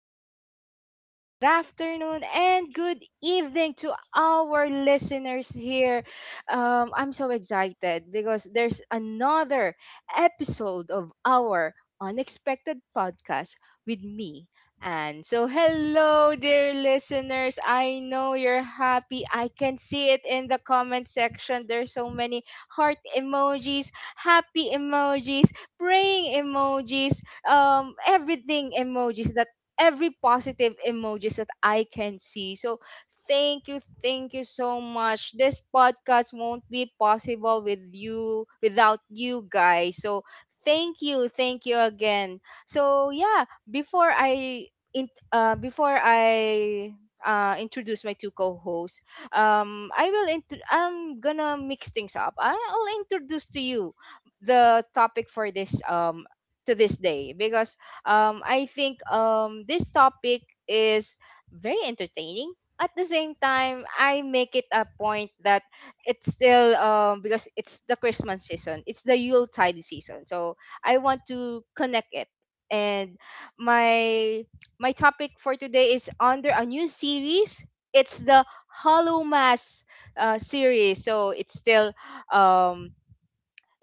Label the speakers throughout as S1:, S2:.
S1: morning, good afternoon, and good evening to our listeners here. I'm so excited because there's another episode of our unexpected podcast with me. And so, hello, dear listeners. I know you're happy. I can see it in the comment section. There's so many heart emojis, happy emojis, praying emojis, everything emojis that every positive emojis that I can see. So thank you so much. This podcast won't be possible without you guys. So thank you again. So yeah, before I introduce my two co-hosts. Um, I'm gonna mix things up. I'll introduce to you the topic for this to this day because I think this topic is very entertaining. At the same time, I make it a point that it's still, because it's the Christmas season, it's the Yuletide season, so I want to connect it. And my my topic for today is under a new series. It's the Hollow Mass series, so um,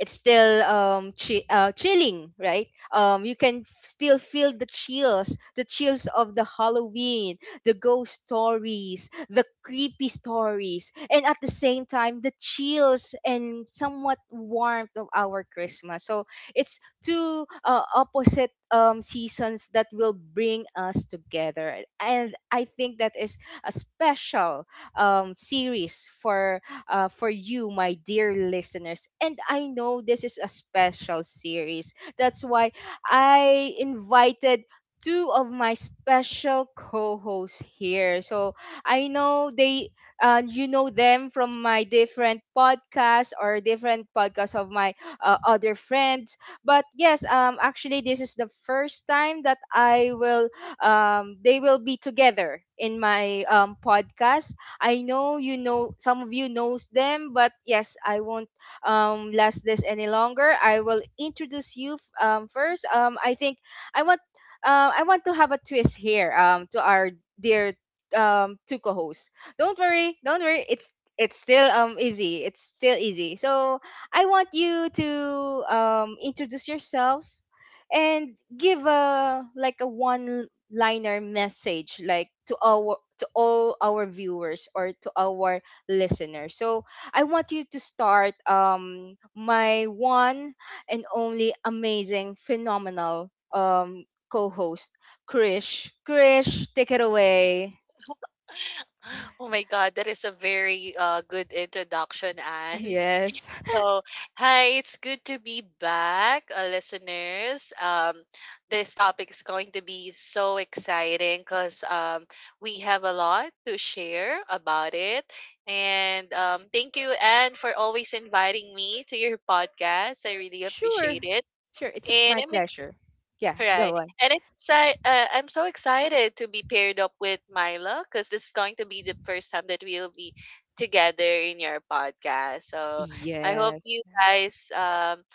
S1: it's still chilling, right? You can still feel the chills of the Halloween, the ghost stories, the creepy stories, and at the same time the chills and somewhat warmth of our Christmas. So it's two opposite seasons that will bring us together, and I think that is a special series for you, my dear listeners. And I know this is a special series. That's why I invited two of my special co-hosts here. So I know they, you know them from my different podcasts, or different podcasts of my other friends. But yes, actually, this is the first time that I will they will be together in my podcast. I know some of you knows them, but yes, I won't last this any longer. I will introduce you first. I think I want I want to have a twist here to our dear two co-hosts. Don't worry, don't worry. It's still easy. It's still easy. So I want you to introduce yourself and give a, like, a one liner message, like, to our all our viewers or to our listeners. So I want you to start, my one and only amazing phenomenal co-host, Krish. Krish, take it away.
S2: Oh my God, that is a very good introduction, Anne.
S1: Yes.
S2: So, hi, it's good to be back, listeners. This topic is going to be so exciting because we have a lot to share about it. And thank you, Anne, for always inviting me to your podcast. I really appreciate
S1: Sure.
S2: it.
S1: Sure, it's
S2: And
S1: my
S2: I'm
S1: pleasure. Yeah,
S2: right.
S1: go on.
S2: And it's I'm so excited to be paired up with Milo because this is going to be the first time that we'll be together in your podcast. So I hope
S1: Yes.
S2: you guys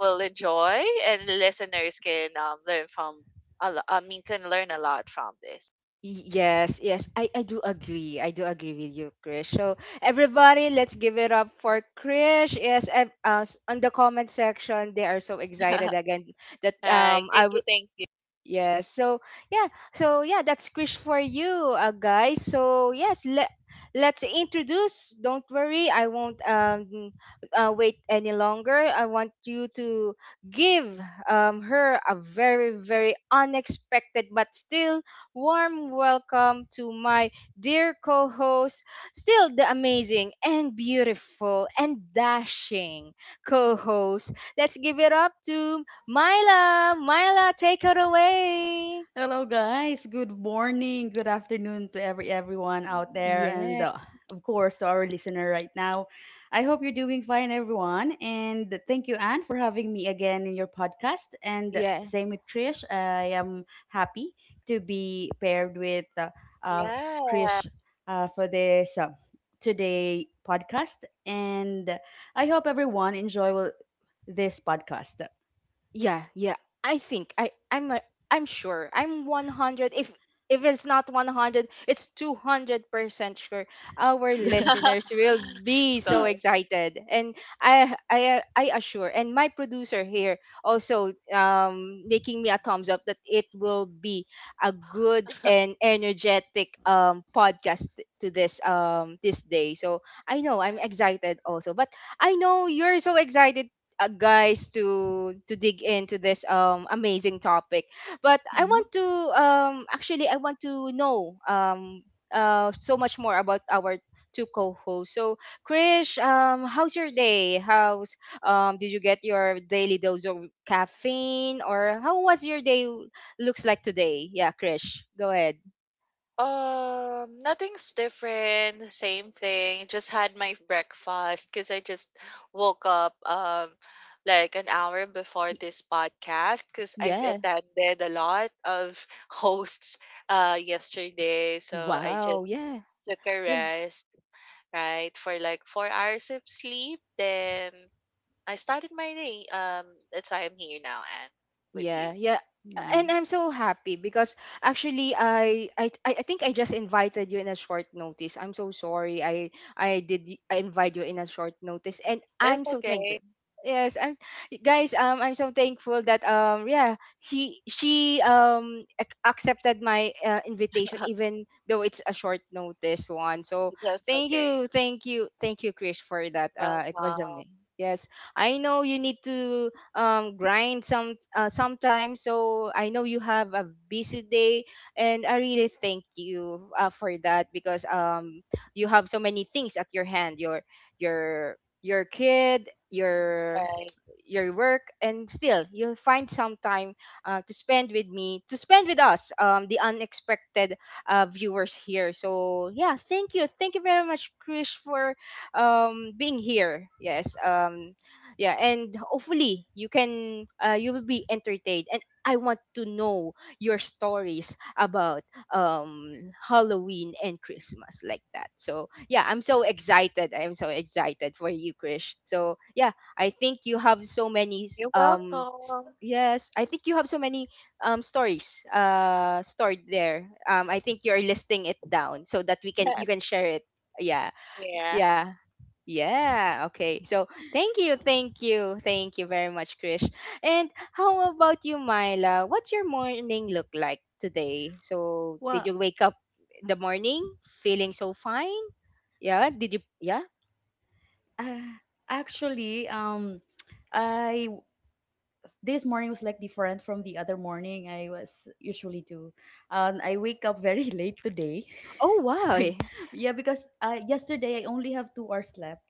S2: will enjoy, and the listeners can learn from I mean, can learn a lot from this.
S1: Yes, yes, I do agree. I do agree with you, Krish. So everybody, let's give it up for Krish. Yes, on the comment section, they are so excited again that
S2: Right. Thank
S1: I...
S2: you. Thank you.
S1: Yes. So yeah. So yeah, that's Krish for you, guys. So yes, let's introduce. Don't worry, I won't wait any longer. I want you to give, her a very very unexpected but still warm welcome to my dear co-host, still the amazing and beautiful and dashing co-host. Let's give it up to Myla. Myla, take her away.
S3: Hello, guys. Good morning. Good afternoon to everyone out there, and
S1: Yeah,
S3: of course to our listener right now. I hope you're doing fine, everyone. And thank you, Anne, for having me again in your podcast. And
S1: yeah.
S3: same with Krish. I am happy to be paired with uh,
S2: Yeah.
S3: Krish for this today podcast. And I hope everyone this podcast.
S1: Yeah, yeah. I think I I'm a, I'm sure. I'm 100, if it's not 100, it's 200% sure our
S3: Yeah.
S1: listeners will be
S2: Of
S1: so
S2: course.
S1: excited. And I assure, and my producer here also making me a thumbs up that it will be a good and energetic podcast to this this day. So I know I'm
S2: Right.
S1: excited also. But I know you're so excited, guys, to dig into this amazing topic. But I
S3: Mhm.
S1: want to actually, I want to know, so much more about our two co-hosts. So, Krish, how's your day? How's Did you get your daily dose of caffeine, or how was your day looks like today? Yeah, Krish, go ahead.
S2: Nothing's different, same thing. Just had my breakfast because I just woke up like an hour before
S1: Y-
S2: this podcast because I've
S1: yeah,
S2: attended a lot of hosts yesterday, so I
S1: wow,
S2: just
S1: yeah,
S2: took a
S1: yeah.
S2: rest, right, for like 4 hours of sleep. Then I started my day. That's why I'm here now and with you.
S1: Yeah, yeah.
S3: Yeah.
S1: And I'm so happy because actually I think I just invited you in a short notice. I'm so sorry. I invite you in a short notice, and
S2: It's
S1: I'm so thankful.
S2: okay.
S1: Yes, I'm guys, I'm so thankful that, yeah, he she accepted my invitation even though it's a short notice one. So
S2: That's
S1: thank
S2: okay.
S1: you, thank you, thank you, Chris, for that. It was
S2: Welcome.
S1: amazing. Yes. I know you need to, grind some, sometimes. So I know you have a busy day, and I really thank you, for that, because, you have so many things at your hand. Your your kid, your
S2: Right.
S1: your work, and still you'll find some time, to spend with us, the unexpected viewers here. So yeah, thank you, thank you very much, Krish, for being here. Yes, yeah. And hopefully you can, you will be entertained, and I want to know your stories about, um Halloween and Christmas, like that. So yeah, I'm so excited for you, Krish. So yeah, I think you have so many,
S2: You're welcome.
S1: yes, I think you have so many stories, stored there. I think you're listing it down so that we can you can share it. Yeah.
S2: Yeah.
S1: Yeah, yeah, okay. So thank you, thank you, thank you very much, Krish. And how about you, Myla? What's your morning look like today? So did
S3: Well,
S1: you wake up in the morning feeling so fine? Yeah, did you? Yeah?
S3: Uh, Actually, I this morning was like different from the other morning I was usually do. I wake up very late today.
S1: Oh,
S3: I,
S1: why?
S3: yeah, because yesterday I only have 2 hours left,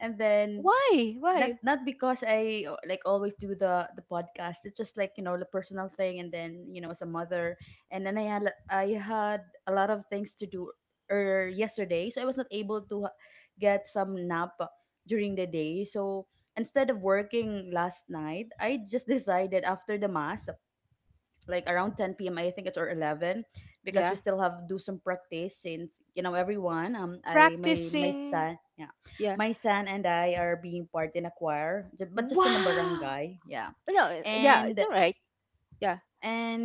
S3: and then
S1: Why?
S3: not
S1: Why?
S3: not because I like always do the podcast. It's just like, you know, the personal thing, and then, you know, as a mother, and then I had a lot of things to do yesterday, so I was not able to get some nap during the day. So instead of working last night, I just decided after the mass like around 10 p.m., I think it's, or 11, because
S1: Yeah.
S3: we still have do some practice since, you know, everyone, I my my
S1: Practicing.
S3: son. Yeah,
S1: Yeah.
S3: my son and I are being part in a choir but just in a
S1: Wow.
S3: barangay. Yeah,
S1: No, yeah,
S3: and
S1: it's all right. Yeah.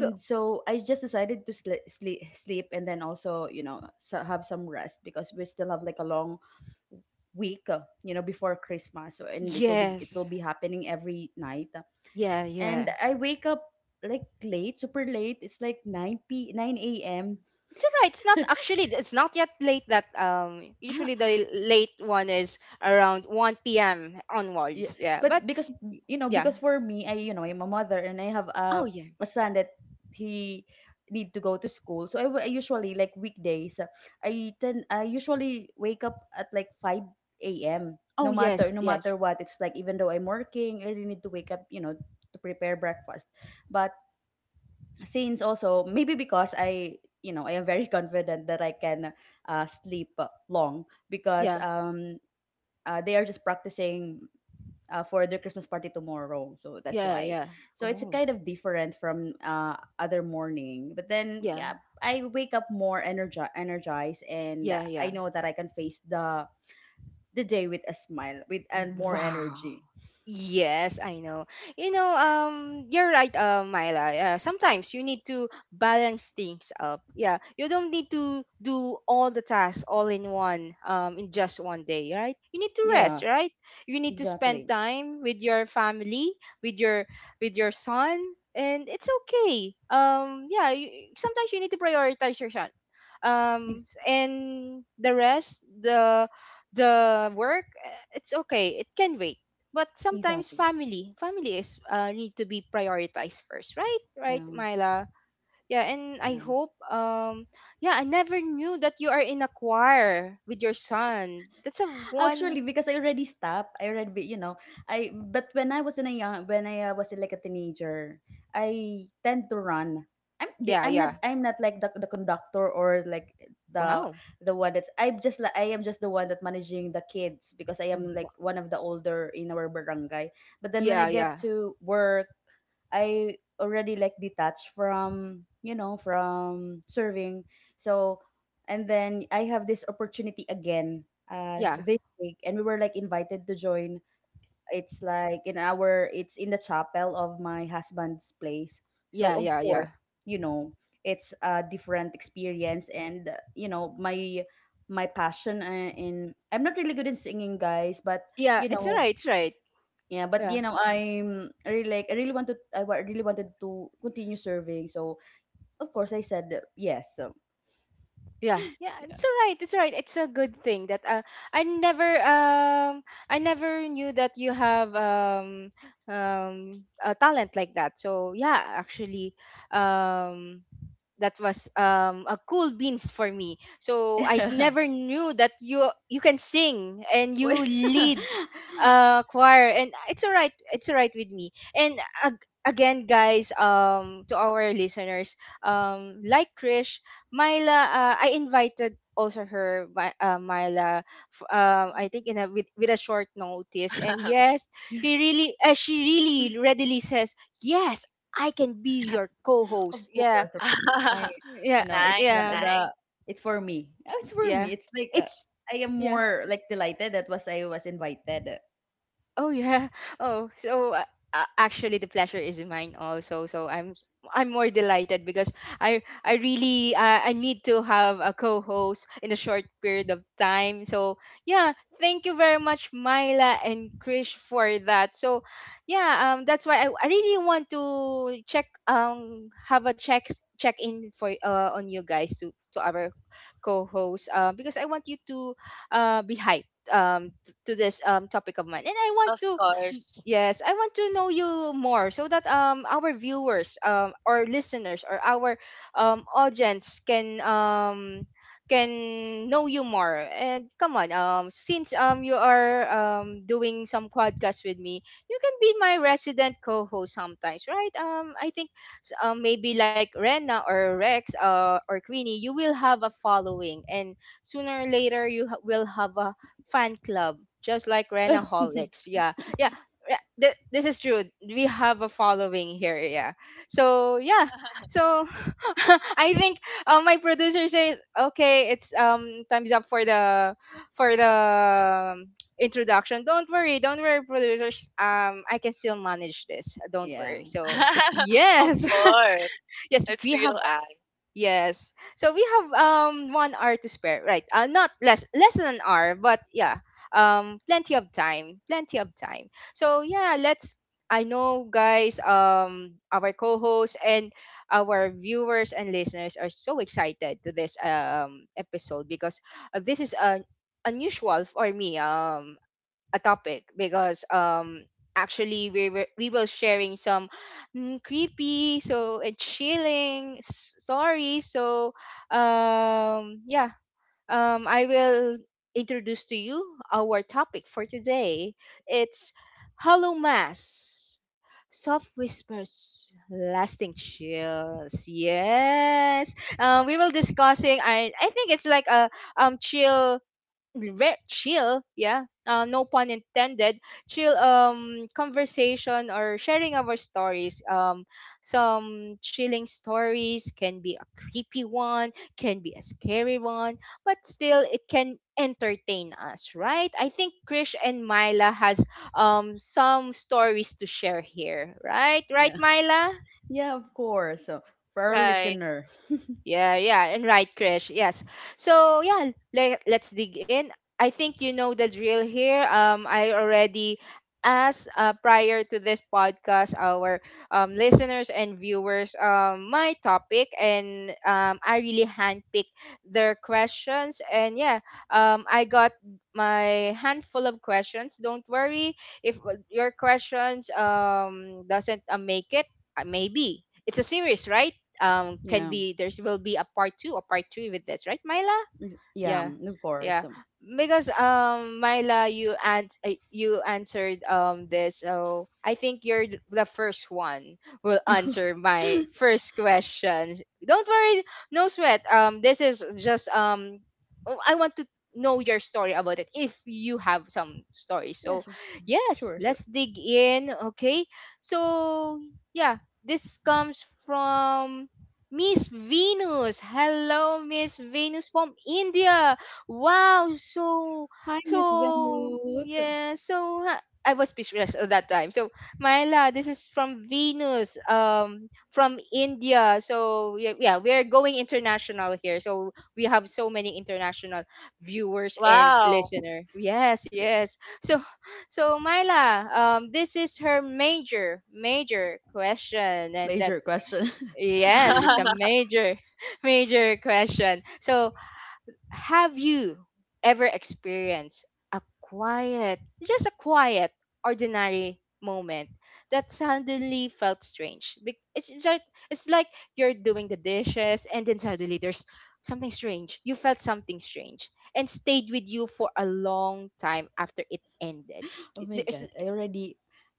S1: Go.
S3: so I just decided to sleep, and then also, you know, so have some rest because we still have like a long week, you know, before Christmas, so, and it will be
S1: Yes.
S3: happening every night.
S1: Yeah,
S3: And
S1: yeah.
S3: I wake up like late, super late. It's like 9 a.m.
S1: It's all right. It's not, actually. It's not yet late. That
S3: Ah,
S1: Usually the late one is around one p.m.
S3: yeah.
S1: onwards. Yeah, but
S3: But because, you know,
S1: yeah.
S3: because for me, I you know, I'm a mother and I have
S1: Oh
S3: a
S1: yeah.
S3: son that he need to go to school. So I usually like weekdays, I usually wake up at like 5 a.m.
S1: Oh
S3: No
S1: yes,
S3: matter no matter
S1: yes.
S3: what, it's like even though I'm working, I really need to wake up, you know, to prepare breakfast. But since also maybe because I, you know, I am very confident that I can sleep long because
S1: Yeah,
S3: they are just practicing for their Christmas party tomorrow. So that's
S1: yeah,
S3: why
S1: yeah.
S3: so it's
S1: Oh
S3: kind of different from other morning, but then
S1: yeah,
S3: yeah, I wake up more energized, and
S1: yeah,
S3: I
S1: yeah.
S3: know that I can face the day with a smile with and more
S1: Wow.
S3: energy.
S1: Yes, I know. You know, you're right, Myla. Sometimes you need to balance things up. Yeah, you don't need to do all the tasks all in one, in just one day, right? You need to rest,
S3: Yeah,
S1: right? You need to spend
S3: exactly.
S1: time with your family, with your son, and it's okay. Yeah, sometimes you need to prioritize your son.
S3: Ex-
S1: And the rest, the work, it's okay. It can wait, but sometimes
S3: exactly.
S1: family is, need to be prioritized first, right,
S3: Yeah,
S1: Myla? Yeah. And I
S3: yeah.
S1: hope, yeah, I never knew that you are in a choir with your son. That's a
S3: Actually,
S1: one.
S3: because I already stopped. You know, I but when I was in a young, when I was like a teenager, I tend to run.
S1: Yeah,
S3: I'm
S1: yeah,
S3: not, I'm not like the conductor, or like the
S1: wow.
S3: the one that's I'm just like, I am just the one that managing the kids because I am like
S1: Wa-
S3: one of the older in our barangay. But then when I
S1: yeah,
S3: get
S1: yeah,
S3: to work, I already like detached from, you know, from serving. So and then I have this opportunity again.
S1: yeah,
S3: This week, and we were like invited to join. It's like in our, it's in the chapel of my husband's place. So
S1: yeah,
S3: of
S1: yeah, yeah,
S3: course, you know, it's a different experience, and you know, my passion in I'm not really good in singing, guys, but
S1: yeah,
S3: you know,
S1: it's right.
S3: yeah, but
S1: Yeah.
S3: you know, I'm really like really wanted to continue serving. So of course I said yes. So
S1: Yeah, yeah, it's all right. It's all right. It's a good thing that, I never um I never knew that you have, um a talent like that. So yeah, actually, um that was, a cool beans for me. So I
S3: yeah.
S1: never knew that you can sing and you
S3: Wait.
S1: lead, choir, and it's alright. It's alright with me. And again, guys, to our listeners, like Krish, Myla, I invited also her, Myla, I think with a short notice, and yes, she really readily says yes. I can be your
S3: Of
S1: co-host. Yeah,
S3: course, of course.
S1: yeah,
S3: You know,
S2: Nice,
S1: yeah,
S2: nice.
S3: the It's for
S1: yeah.
S3: me. It's like
S1: It's
S3: I am
S1: Yeah.
S3: more like delighted that was I was invited.
S1: Oh yeah. Oh, so, actually the pleasure is mine also. So I'm more delighted because I need to have a co-host in a short period of time. So yeah, thank you very much, Myla and Krish, for that. So yeah, that's why I really want to check have a check in for on you guys, to our co-host, because I want you to, be hyped, to this topic of mine. And I want
S2: Of
S1: to
S2: course.
S1: yes, I want to know you more, so that, our viewers, or listeners, or our audience can, can know you more. And come on, since you are doing some podcast with me, you can be my resident co-host sometimes, right? I think, maybe like Rena or Rex, or Queenie, you will have a following, and sooner or later you will have a fan club, just like Renaholics. Yeah, yeah, yeah. This is true. We have a following here. Yeah. So yeah. So I think, my producer says, okay, it's time's up for the for the um, introduction. Don't worry, producers. I can still manage this. Don't
S3: Yeah,
S1: worry. So
S2: Of
S1: yes,
S2: course.
S1: yes,
S2: It's
S1: we have
S2: real eye.
S1: yes. So we have 1 hour to spare, right? Not less than an hour, but yeah, plenty of time, plenty of time. So yeah, let's. I know, guys. Our co-hosts and our viewers and listeners are so excited to this episode because this is an unusual for me. A topic because actually we were sharing some creepy and chilling stories. So um yeah um i will introduce to you our topic for today. It's Hollow Mass: Soft Whispers, Lasting Chills. Yes, we will discussing. I think it's like a chill, chill, yeah, no pun intended, chill conversation or sharing our stories. Some chilling stories can be a creepy one, can be a scary one, but still it can entertain us, right? I think Krish and Myla has some stories to share here, right
S3: yeah,
S1: right Myla?
S3: yeah. Of course. So for our
S2: Right.
S3: listener,
S1: Yeah, yeah, and right, Krish. Yes. So yeah, let's dig in. I think you know the drill here. I already asked, prior to this podcast, our listeners and viewers, my topic, and I really handpicked their questions. And yeah, I got my handful of questions. Don't worry if, your questions, doesn't, make it. Maybe it's a series, right? Can
S3: yeah,
S1: be there's will be a part two or part three with this, right, Myla?
S3: yeah,
S1: Yeah,
S3: mm, of course.
S1: yeah,
S3: So,
S1: because Myla, you answered this, so I think you're the first one will
S3: yeah,
S1: answer my first question. Don't worry, no sweat, this is just oh, I want to know your story about it if you have some stories. So
S3: sure,
S1: yes,
S3: sure.
S1: let's dig in. Okay. So yeah, this comes from Miss Venus. Hello, Miss Venus from India. Wow, so
S3: Hi, Miss
S1: so
S3: Venus.
S1: yeah, I was speechless at that time. So Myla, this is from Venus, from India. So yeah, yeah, we're going international here. So we have so many international viewers and
S2: Wow.
S1: listener. Yes, yes. So so Myla, this is her major major question, and that.
S3: Major question.
S1: Yes, it's a major, major question. So, have you ever experienced a quiet, just a quiet, ordinary moment that suddenly felt strange? It's like, it's like you're doing the dishes and then suddenly there's something strange. You felt something strange and stayed with you for a long time after it ended.
S3: Oh
S1: It-
S3: my
S1: There's,
S3: god! I already,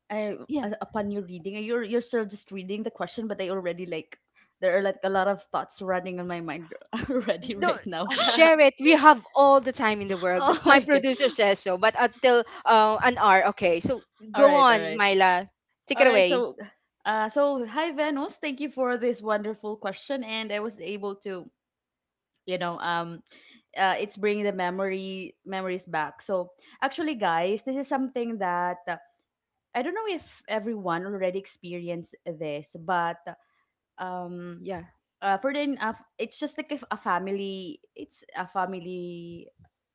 S3: I upon you reading, you're still just reading the question, but I already like there are like a lot of thoughts running on my mind already
S1: no,
S3: right now.
S1: share it, we have all the time in the world,
S3: Oh
S1: my
S3: my god!
S1: producer says so, but until, an hour. Okay, so
S3: All
S1: go
S3: right, all
S1: on
S3: right,
S1: Myla, take
S3: all
S1: it
S3: right.
S1: away.
S3: So, so hi Venus, thank you for this wonderful question, and I was able to, you know, it's bringing the memory memories back. So actually, guys, this is something that. I don't know if everyone already experienced this, but um
S1: Yeah,
S3: for then it's just like a family, it's a family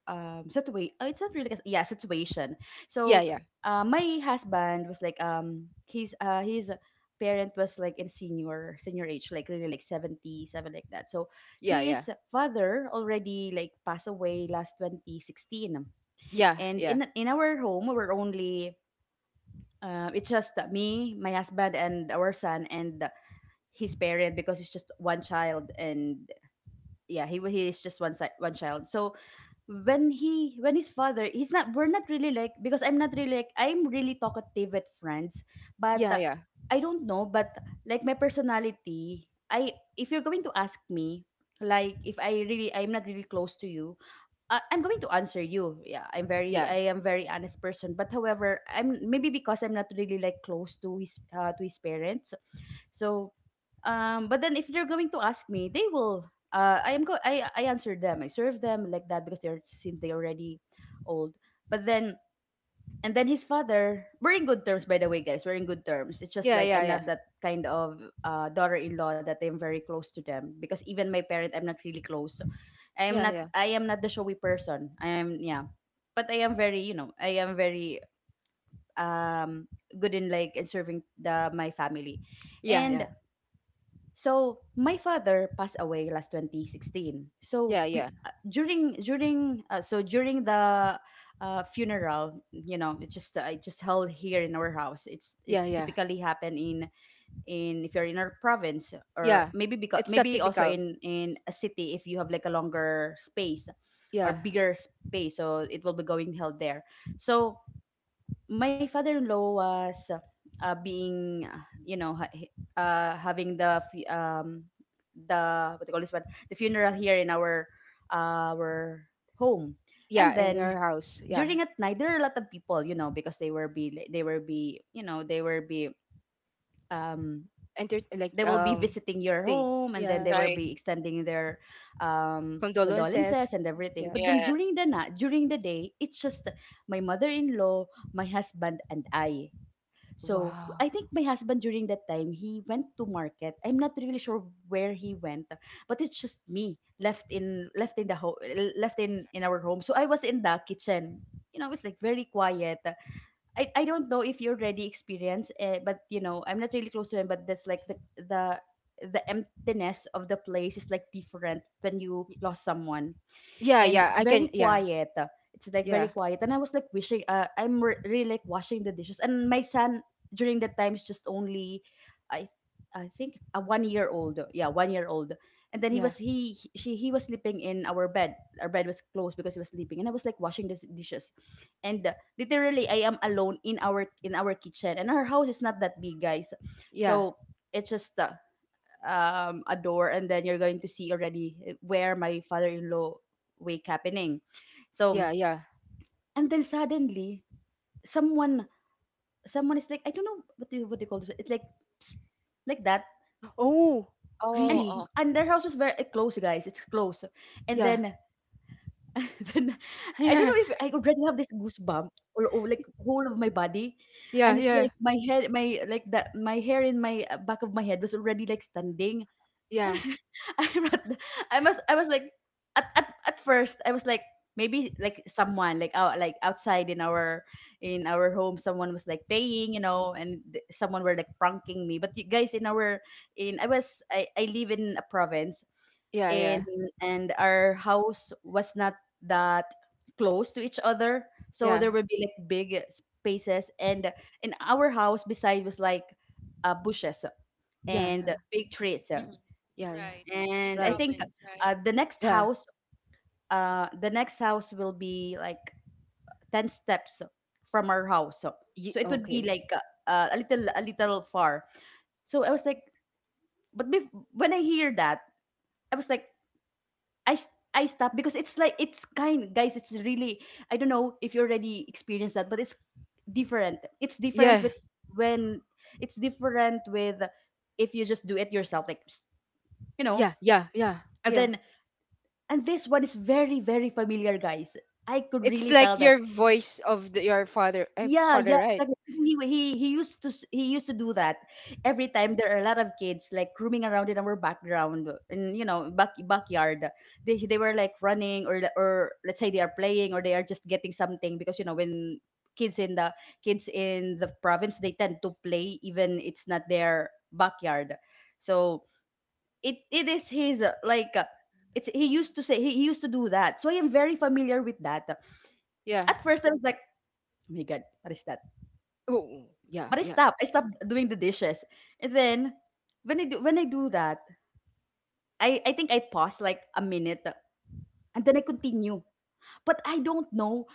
S3: situation. It's not really like a yeah situation.
S1: yeah,
S3: So
S1: yeah,
S3: my husband was like his parent was like in senior age, like really like 77, like that. So
S1: yeah, yeah,
S3: his father already like passed away last 2016, and
S1: yeah,
S3: in our home we were only it's just me, my husband, and our son, and his parent, because he's just one child. And yeah, he is just one child. So when he when his father, he's not, we're not really like, because I'm not really like, I'm really talkative with friends, but
S1: yeah, yeah, yeah,
S3: I don't know, but like my personality, I if you're going to ask me, like, if I really, I'm not really close to you, I'm going to answer you. Yeah, I'm very,
S1: yeah,
S3: I am very honest person, but however, I'm maybe because I'm not really like close to his parents. So, but then if they're going to ask me, they will. I am go. I answer them. I serve them like that, because they're since they're already old. But then and then his father, we're in good terms, by the way, guys. We're in good terms. It's just like I'm
S1: yeah,
S3: not that kind of daughter-in-law that I'm very close to them, because even my parent, I'm not really close. So
S1: yeah, yeah,
S3: I am not the showy person. I am, yeah, but I am very, you know, I am very um good in like in serving the my family,
S1: yeah,
S3: and
S1: yeah,
S3: so my father passed away last 2016. So
S1: yeah,
S3: we
S1: yeah, yeah,
S3: during during so during the funeral, you know, it just held here in our house.
S1: yeah, yeah,
S3: It's
S1: yeah,
S3: typically happen in if you're in our province, or
S1: yeah.
S3: maybe because
S1: It's so
S3: maybe also
S1: typical.
S3: in a city, if you have like a longer space or
S1: Yeah,
S3: bigger space, so it will be going held there. So my father-in-law was being you know, having the the what do you call this one, the funeral, here in our our home. And
S1: yeah. In your
S3: then
S1: house, yeah.
S3: during at night, there are a lot of people, you know, because they will be, you know, um
S1: Enter like
S3: they will be visiting your
S1: thing.
S3: home, and then
S1: Yeah.
S3: they will
S2: Right.
S3: be extending their
S1: Condolences.
S3: condolences and everything.
S1: Yeah.
S3: But then during
S2: Yes.
S3: the night, during the day, it's just my mother-in-law, my husband, and I. So
S1: Wow.
S3: I think my husband during that time, he went to market. I'm not really sure where he went, but it's just me left in our home. So I was in the kitchen. You know, it's like very quiet. I don't know if you already experienced, but you know, I'm not really close to him. But that's like the emptiness of the place is like different when you
S1: Y-
S3: lost someone,
S1: yeah,
S3: and
S1: yeah,
S3: it's
S1: I can.
S3: very
S1: Yeah
S3: quiet. It's like
S1: yeah
S3: very quiet, and I was like wishing. Really like washing the dishes, and my son during that time is just only, I, I think a 1 year old. Yeah, 1 year old. And then he
S1: yeah.
S3: was he- she he was sleeping in our bed. Our bed was closed because he was sleeping, and I was like washing the dishes, and literally I am alone in our kitchen, and our house is not that big, guys.
S1: Yeah,
S3: So it's just a door and then you're going to see already where my father-in-law wake happening, so
S1: yeah, yeah.
S3: and then suddenly someone someone is like, I don't know what do you what they call this, it's like psst, like that.
S1: Oh,
S3: And
S2: Oh,
S1: really?
S2: oh.
S3: their house was very close, guys, it's close. And
S1: Yeah,
S3: then and then I don't
S1: yeah,
S3: know if I already have this goosebump all over, like whole of my body. And it's
S1: yeah,
S3: like my head, my like that, my hair in my back of my head was already like standing.
S1: yeah,
S3: I'm not, I must I was like at, at first I was like maybe like someone like out like outside in our home someone was like paying, you know, and th- someone were like pranking me. But you guys, in our in I was I live in a province.
S1: yeah,
S3: and
S1: yeah,
S3: and our house was not that close to each other, so
S1: yeah,
S3: there would be like big spaces. And in our house beside was like bushes
S1: yeah, yeah,
S3: and
S1: yeah,
S3: big trees.
S2: Mhm.
S1: yeah, yeah.
S2: Right. In
S3: And I
S1: Right.
S3: think
S2: province, right?
S3: uh, the next
S1: Yeah.
S3: house, the next house will be like ten steps from our house. So, so it would be
S1: Okay.
S3: like a little far. So I was like, but bef- when I hear that, I was like, I. s- I stopped, because it's like it's kind, guys, it's really, I don't know if you already experienced that, but it's different, it's different
S1: Yeah,
S3: with when it's different with if you just do it yourself like psst, you know.
S1: yeah, yeah, yeah,
S3: And
S1: yeah.
S3: then and this one is very, very familiar, guys. I could
S1: It's
S3: really tell
S1: like
S3: that.
S1: your voice of the, your father, eh,
S3: Yeah,
S1: father,
S3: yeah,
S1: right?
S3: exactly. He used to s- he used to do that every time. There are a lot of kids like roaming around in our background, and you know, back backyard. They were like running, or let's say they are playing, or they are just getting something because you know when kids in the kids in the province they tend to play even it's not their backyard. So it is his it's he used to say he used to do that, so I am very familiar with that.
S1: Yeah.
S3: At first I was like, oh my god, what is that?
S1: Oh, yeah,
S3: But I
S1: yeah,
S3: stopped, I stopped doing the dishes. And then when I do when I do that, I think I pause like a minute, and then I continue. But I don't know,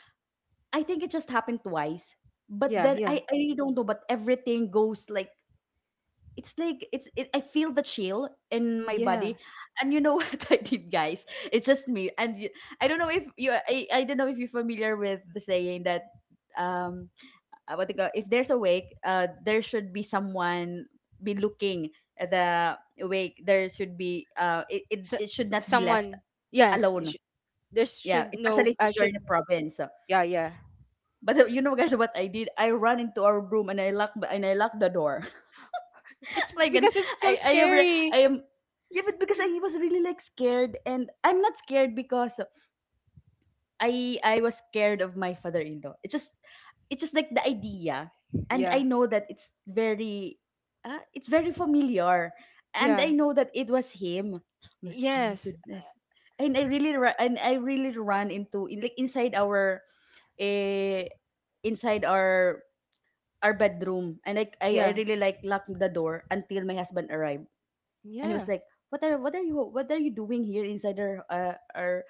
S3: I think it just happened twice. But
S1: yeah,
S3: then
S1: yeah,
S3: I really don't know, but everything goes like it's like it's it, I feel the chill in my
S1: yeah.
S3: body. And you know what I did, guys? It's just me, and y- I don't know if you I don't know if you're familiar with the saying that um what they call, if there's a wake, there should be someone be looking at the wake. There should be it, it,
S1: So,
S3: it should not be left
S1: someone. Yes.
S3: alone.
S1: There
S3: Yeah,
S1: should no.
S3: especially
S1: I
S3: if you're
S1: should.
S3: in a province.
S1: Yeah, yeah.
S3: But you know, guys, what I did? I ran into our room, and I locked the door.
S1: It's
S3: My god,
S1: because it's so
S3: I am re-
S1: scary.
S3: I am yeah, but because I was really like scared. And I'm not scared because I was scared of my father-in-law, it's just like the idea. And
S1: Yeah,
S3: I know that it's very familiar, and I
S1: yeah.
S3: know that it was him. Mas- oh my
S1: Yes.
S3: goodness. And I really ru- and I really run into in like inside our eh, inside our bedroom, and like I
S1: Yeah.
S3: really like locked the door until my husband arrived. And he was
S1: Yeah.
S3: like, what are you, what are you doing here inside our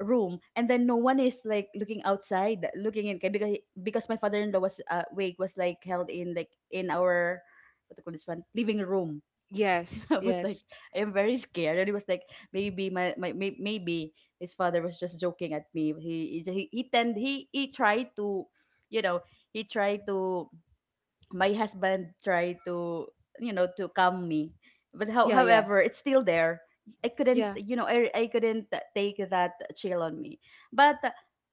S3: room? And then no one is like looking outside looking in 'kay, because my father-in-law was wake was like held in like in our what do you call this one, living room.
S1: Yes.
S3: I was like,
S1: Yes.
S3: I am very scared. And he was like maybe my, my may, maybe his father was just joking at me. He he tend he tried to, you know, he tried to, my husband tried to, you know, to calm me. But how,
S1: Yeah. Yeah.
S3: however, it's still there. I couldn't,
S1: Yeah.
S3: you know, I couldn't take that chill on me. But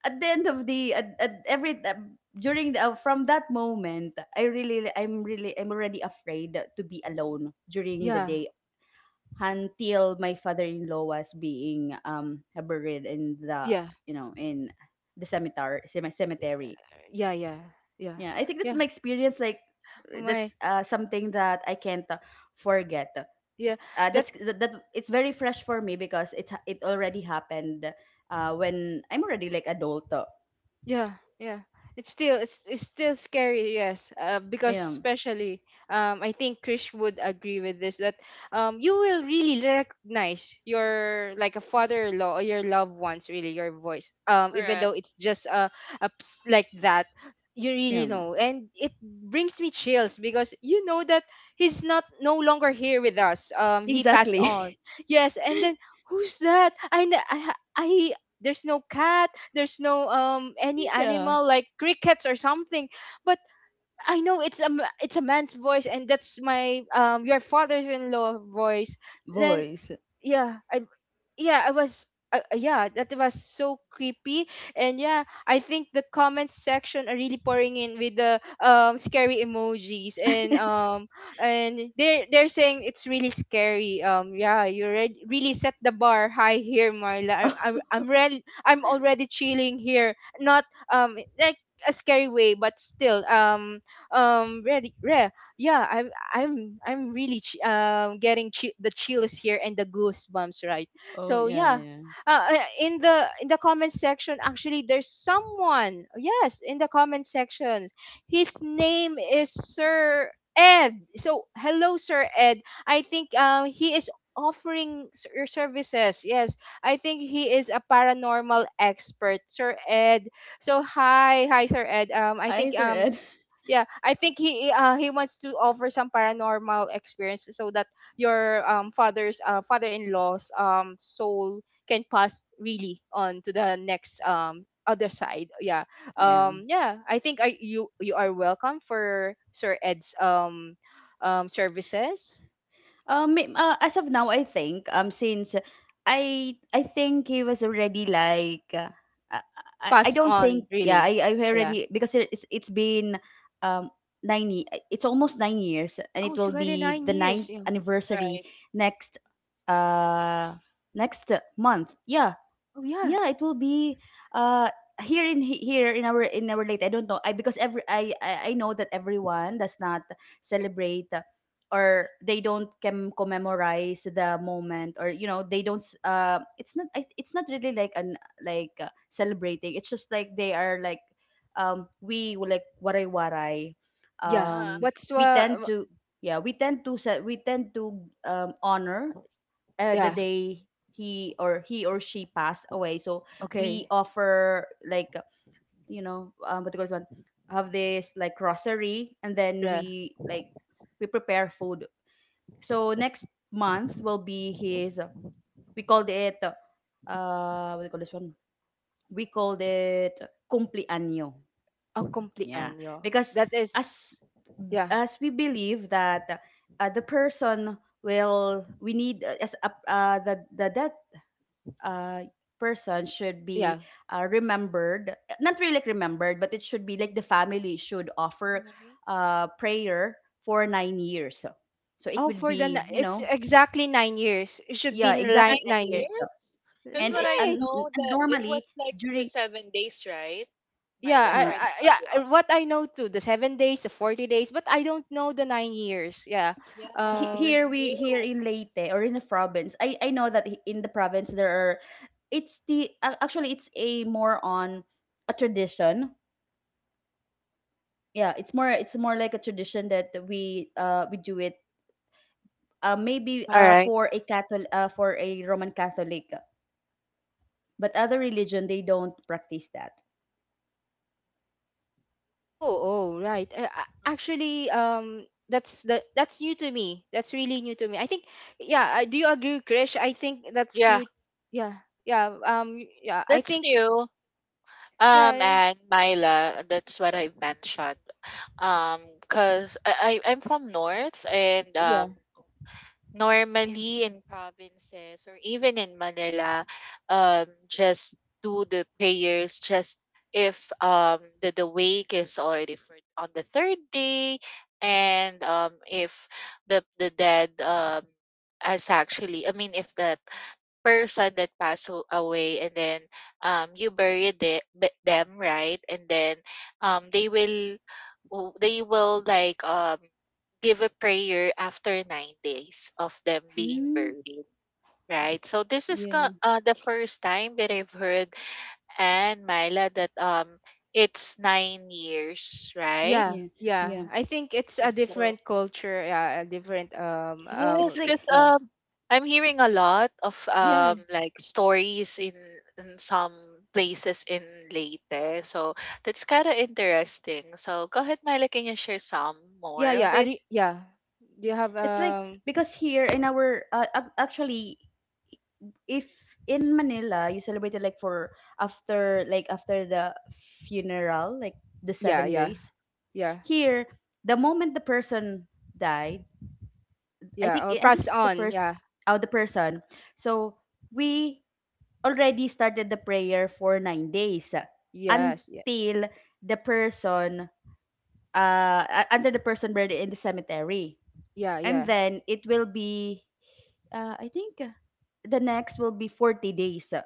S3: at the end of the at every during the, from that moment I really I'm really I'm already afraid to be alone during the
S1: Yeah.
S3: day until my father-in-law was being buried in the,
S1: Yeah.
S3: you know, in the cemetery.
S1: Yeah. Yeah. Yeah.
S3: Yeah, I think that's
S1: Yeah.
S3: my experience. Like
S1: Oh my.
S3: that's something that I can't forget.
S1: Yeah. That.
S3: That's that, that it's very fresh for me because it ha- it already happened when I'm already like adult.
S1: Yeah, yeah. It's still it's still scary, yes. Because
S3: Yeah,
S1: especially I think Krish would agree with this that you will really recognize your like a
S2: Mhm.
S1: father-in-law or your loved ones really your voice. Even
S2: Correct.
S1: though it's just a, like that, you really
S3: yeah,
S1: know. And it brings me chills because you know that he's not no longer here with us. He passed
S3: exactly.
S1: on. Yes, and then who's that? I kn- I ha- I, there's no cat, there's no any
S3: Yeah,
S1: animal like crickets or something, but I know it's it's a man's voice, and that's my your father's-in-law voice. Then
S3: boys.
S1: yeah, I, yeah, I was yeah, that was so creepy. And yeah, I think the comment section are really pouring in with the scary emojis, and and they're saying it's really scary. Yeah, you really set the bar high here, Marla. I, I'm re- I'm already chilling here, not like a scary way, but still um really re- yeah, I'm really getting the chills here and the goosebumps, right?
S3: Oh
S1: So
S3: yeah,
S1: yeah.
S3: yeah.
S1: In the comment section, actually there's someone, yes, in the comment section. His name is Sir Ed. So hello Sir Ed, I think he is offering, your services. Yes, I think he is a paranormal expert, Sir Ed. So hi Sir Ed, I
S3: Hi,
S1: think,
S3: Sir Ed.
S1: yeah, I think he wants to offer some paranormal experience so that your father's, father-in-law's soul can pass really on to the next other side. Yeah.
S3: Yeah.
S1: Yeah, I think I you you are welcome for Sir Ed's services.
S3: May- as of now, I think since I think he was already like I, I
S1: Passed
S3: don't
S1: on
S3: think yeah
S1: really.
S3: I
S1: Yeah.
S3: already because it- it's been um nine ye- it's almost 9 years, and
S1: Oh,
S3: it
S1: it's
S3: will
S1: already
S3: be
S1: 9
S3: the
S1: years.
S3: ninth
S1: Yeah.
S3: anniversary
S2: Right.
S3: next uh next month. Yeah,
S1: Oh yeah.
S3: yeah, it will be uh here in here in our late. I don't know. I because every I know that everyone does not celebrate or they don't can commemorate the moment, or you know they don't s- it's not I- it's not really like an like celebrating, it's just like they are like we will like waray waray
S1: Yeah.
S2: Uh-huh.
S3: um
S1: What's
S3: we tend to yeah we tend to se- we tend to honor the
S1: yeah.
S3: day he or she passed away. So we
S1: Okay.
S3: offer like, you know, what do you call this one, have this like grocery, and then
S1: Yeah.
S3: we like we prepare food. So next month will be his. We called it what do you call this one? We called it cumpleaños.
S1: A
S3: Yeah,
S1: cumpleaños.
S3: because
S1: That
S3: as
S1: is, yeah,
S3: as we believe that the person will we need as a, the dead uh, person should be
S1: yeah.
S3: remembered, not really like remembered, but it should be like the family should offer
S2: Mhm.
S3: prayer for 9 years, so it
S1: Oh,
S3: would
S1: for the
S3: be, you
S1: it's
S3: know,
S1: exactly 9 years. It should
S3: yeah,
S1: be
S2: Nine
S3: exactly
S1: like nine
S3: nine
S1: years.
S3: years
S2: years? Because
S3: And,
S2: what
S3: it-
S2: I
S1: Right.
S2: know,
S3: and
S2: that it
S3: normally
S2: was like
S3: during
S2: just 7 days, right?
S1: Yeah,
S2: Myla,
S3: huh,
S2: sorry to cut
S1: yeah.
S2: you off.
S1: What I know too, the 7 days, the 40 days, but I don't know the 9 years. Yeah.
S3: he-
S2: Yeah,
S3: here
S2: that's
S1: Um.
S3: we here
S2: new.
S3: in Leyte or in the province I know that in the province there are it's the ac- actually it's a more on a tradition. Yeah, it's more, it's more like a tradition that we do it maybe
S2: All right.
S3: for a Catholic, for a Roman Catholic, but other religion they don't practice that.
S1: Oh, oh, right.
S2: Mm.
S1: Actually, that's the that's new to me. That's really new to me. I think. Yeah. Do you agree, Krish? I think that's
S2: Yeah,
S1: new. Yeah. Yeah. Yeah. I
S2: that's
S1: think.
S2: new.
S1: Yeah.
S2: And Myla, that's what I mentioned. Um, Cause I I'm from North, and
S1: Yeah.
S2: normally in provinces or even in Manila, just do the prayers just if the wake is already for on the third day, and if the dead has actually, I mean, if that person that away, and then you bury them, right? And then they will they will like give a prayer after 9 days of them being
S3: Mm,
S2: buried, right? So this is
S3: yeah,
S2: the first time that I've heard. And Myla, that it's 9 years, right?
S1: Yeah,
S3: yeah,
S1: yeah.
S3: yeah.
S1: I think it's a
S2: So
S1: different culture, yeah, a different
S3: It's
S2: yes, cause
S3: like
S1: yeah.
S2: I'm hearing a lot of,
S1: Yeah.
S2: like, stories in some places in Leyte, so that's kinda interesting. So go ahead, Myla, can you share some
S1: Yeah,
S2: more of
S1: yeah.
S2: it?
S1: Yeah. Do you have
S3: it's like because here in our ac- actually if in Manila you celebrate it like for after like after the funeral, like the
S1: yeah,
S3: seven
S1: yeah.
S3: days
S1: Yeah.
S3: Here, the moment the person died, I think
S1: Yeah, or
S3: I think
S1: pass
S3: it's the
S1: on.
S3: first
S1: Yeah.
S3: oh the person. So we already started the prayer for 9 days,
S1: Yes. Yeah.
S3: until the person under the person buried in the cemetery.
S1: Yeah,
S3: And
S1: yeah.
S3: then it will be I think the next will be 40 days.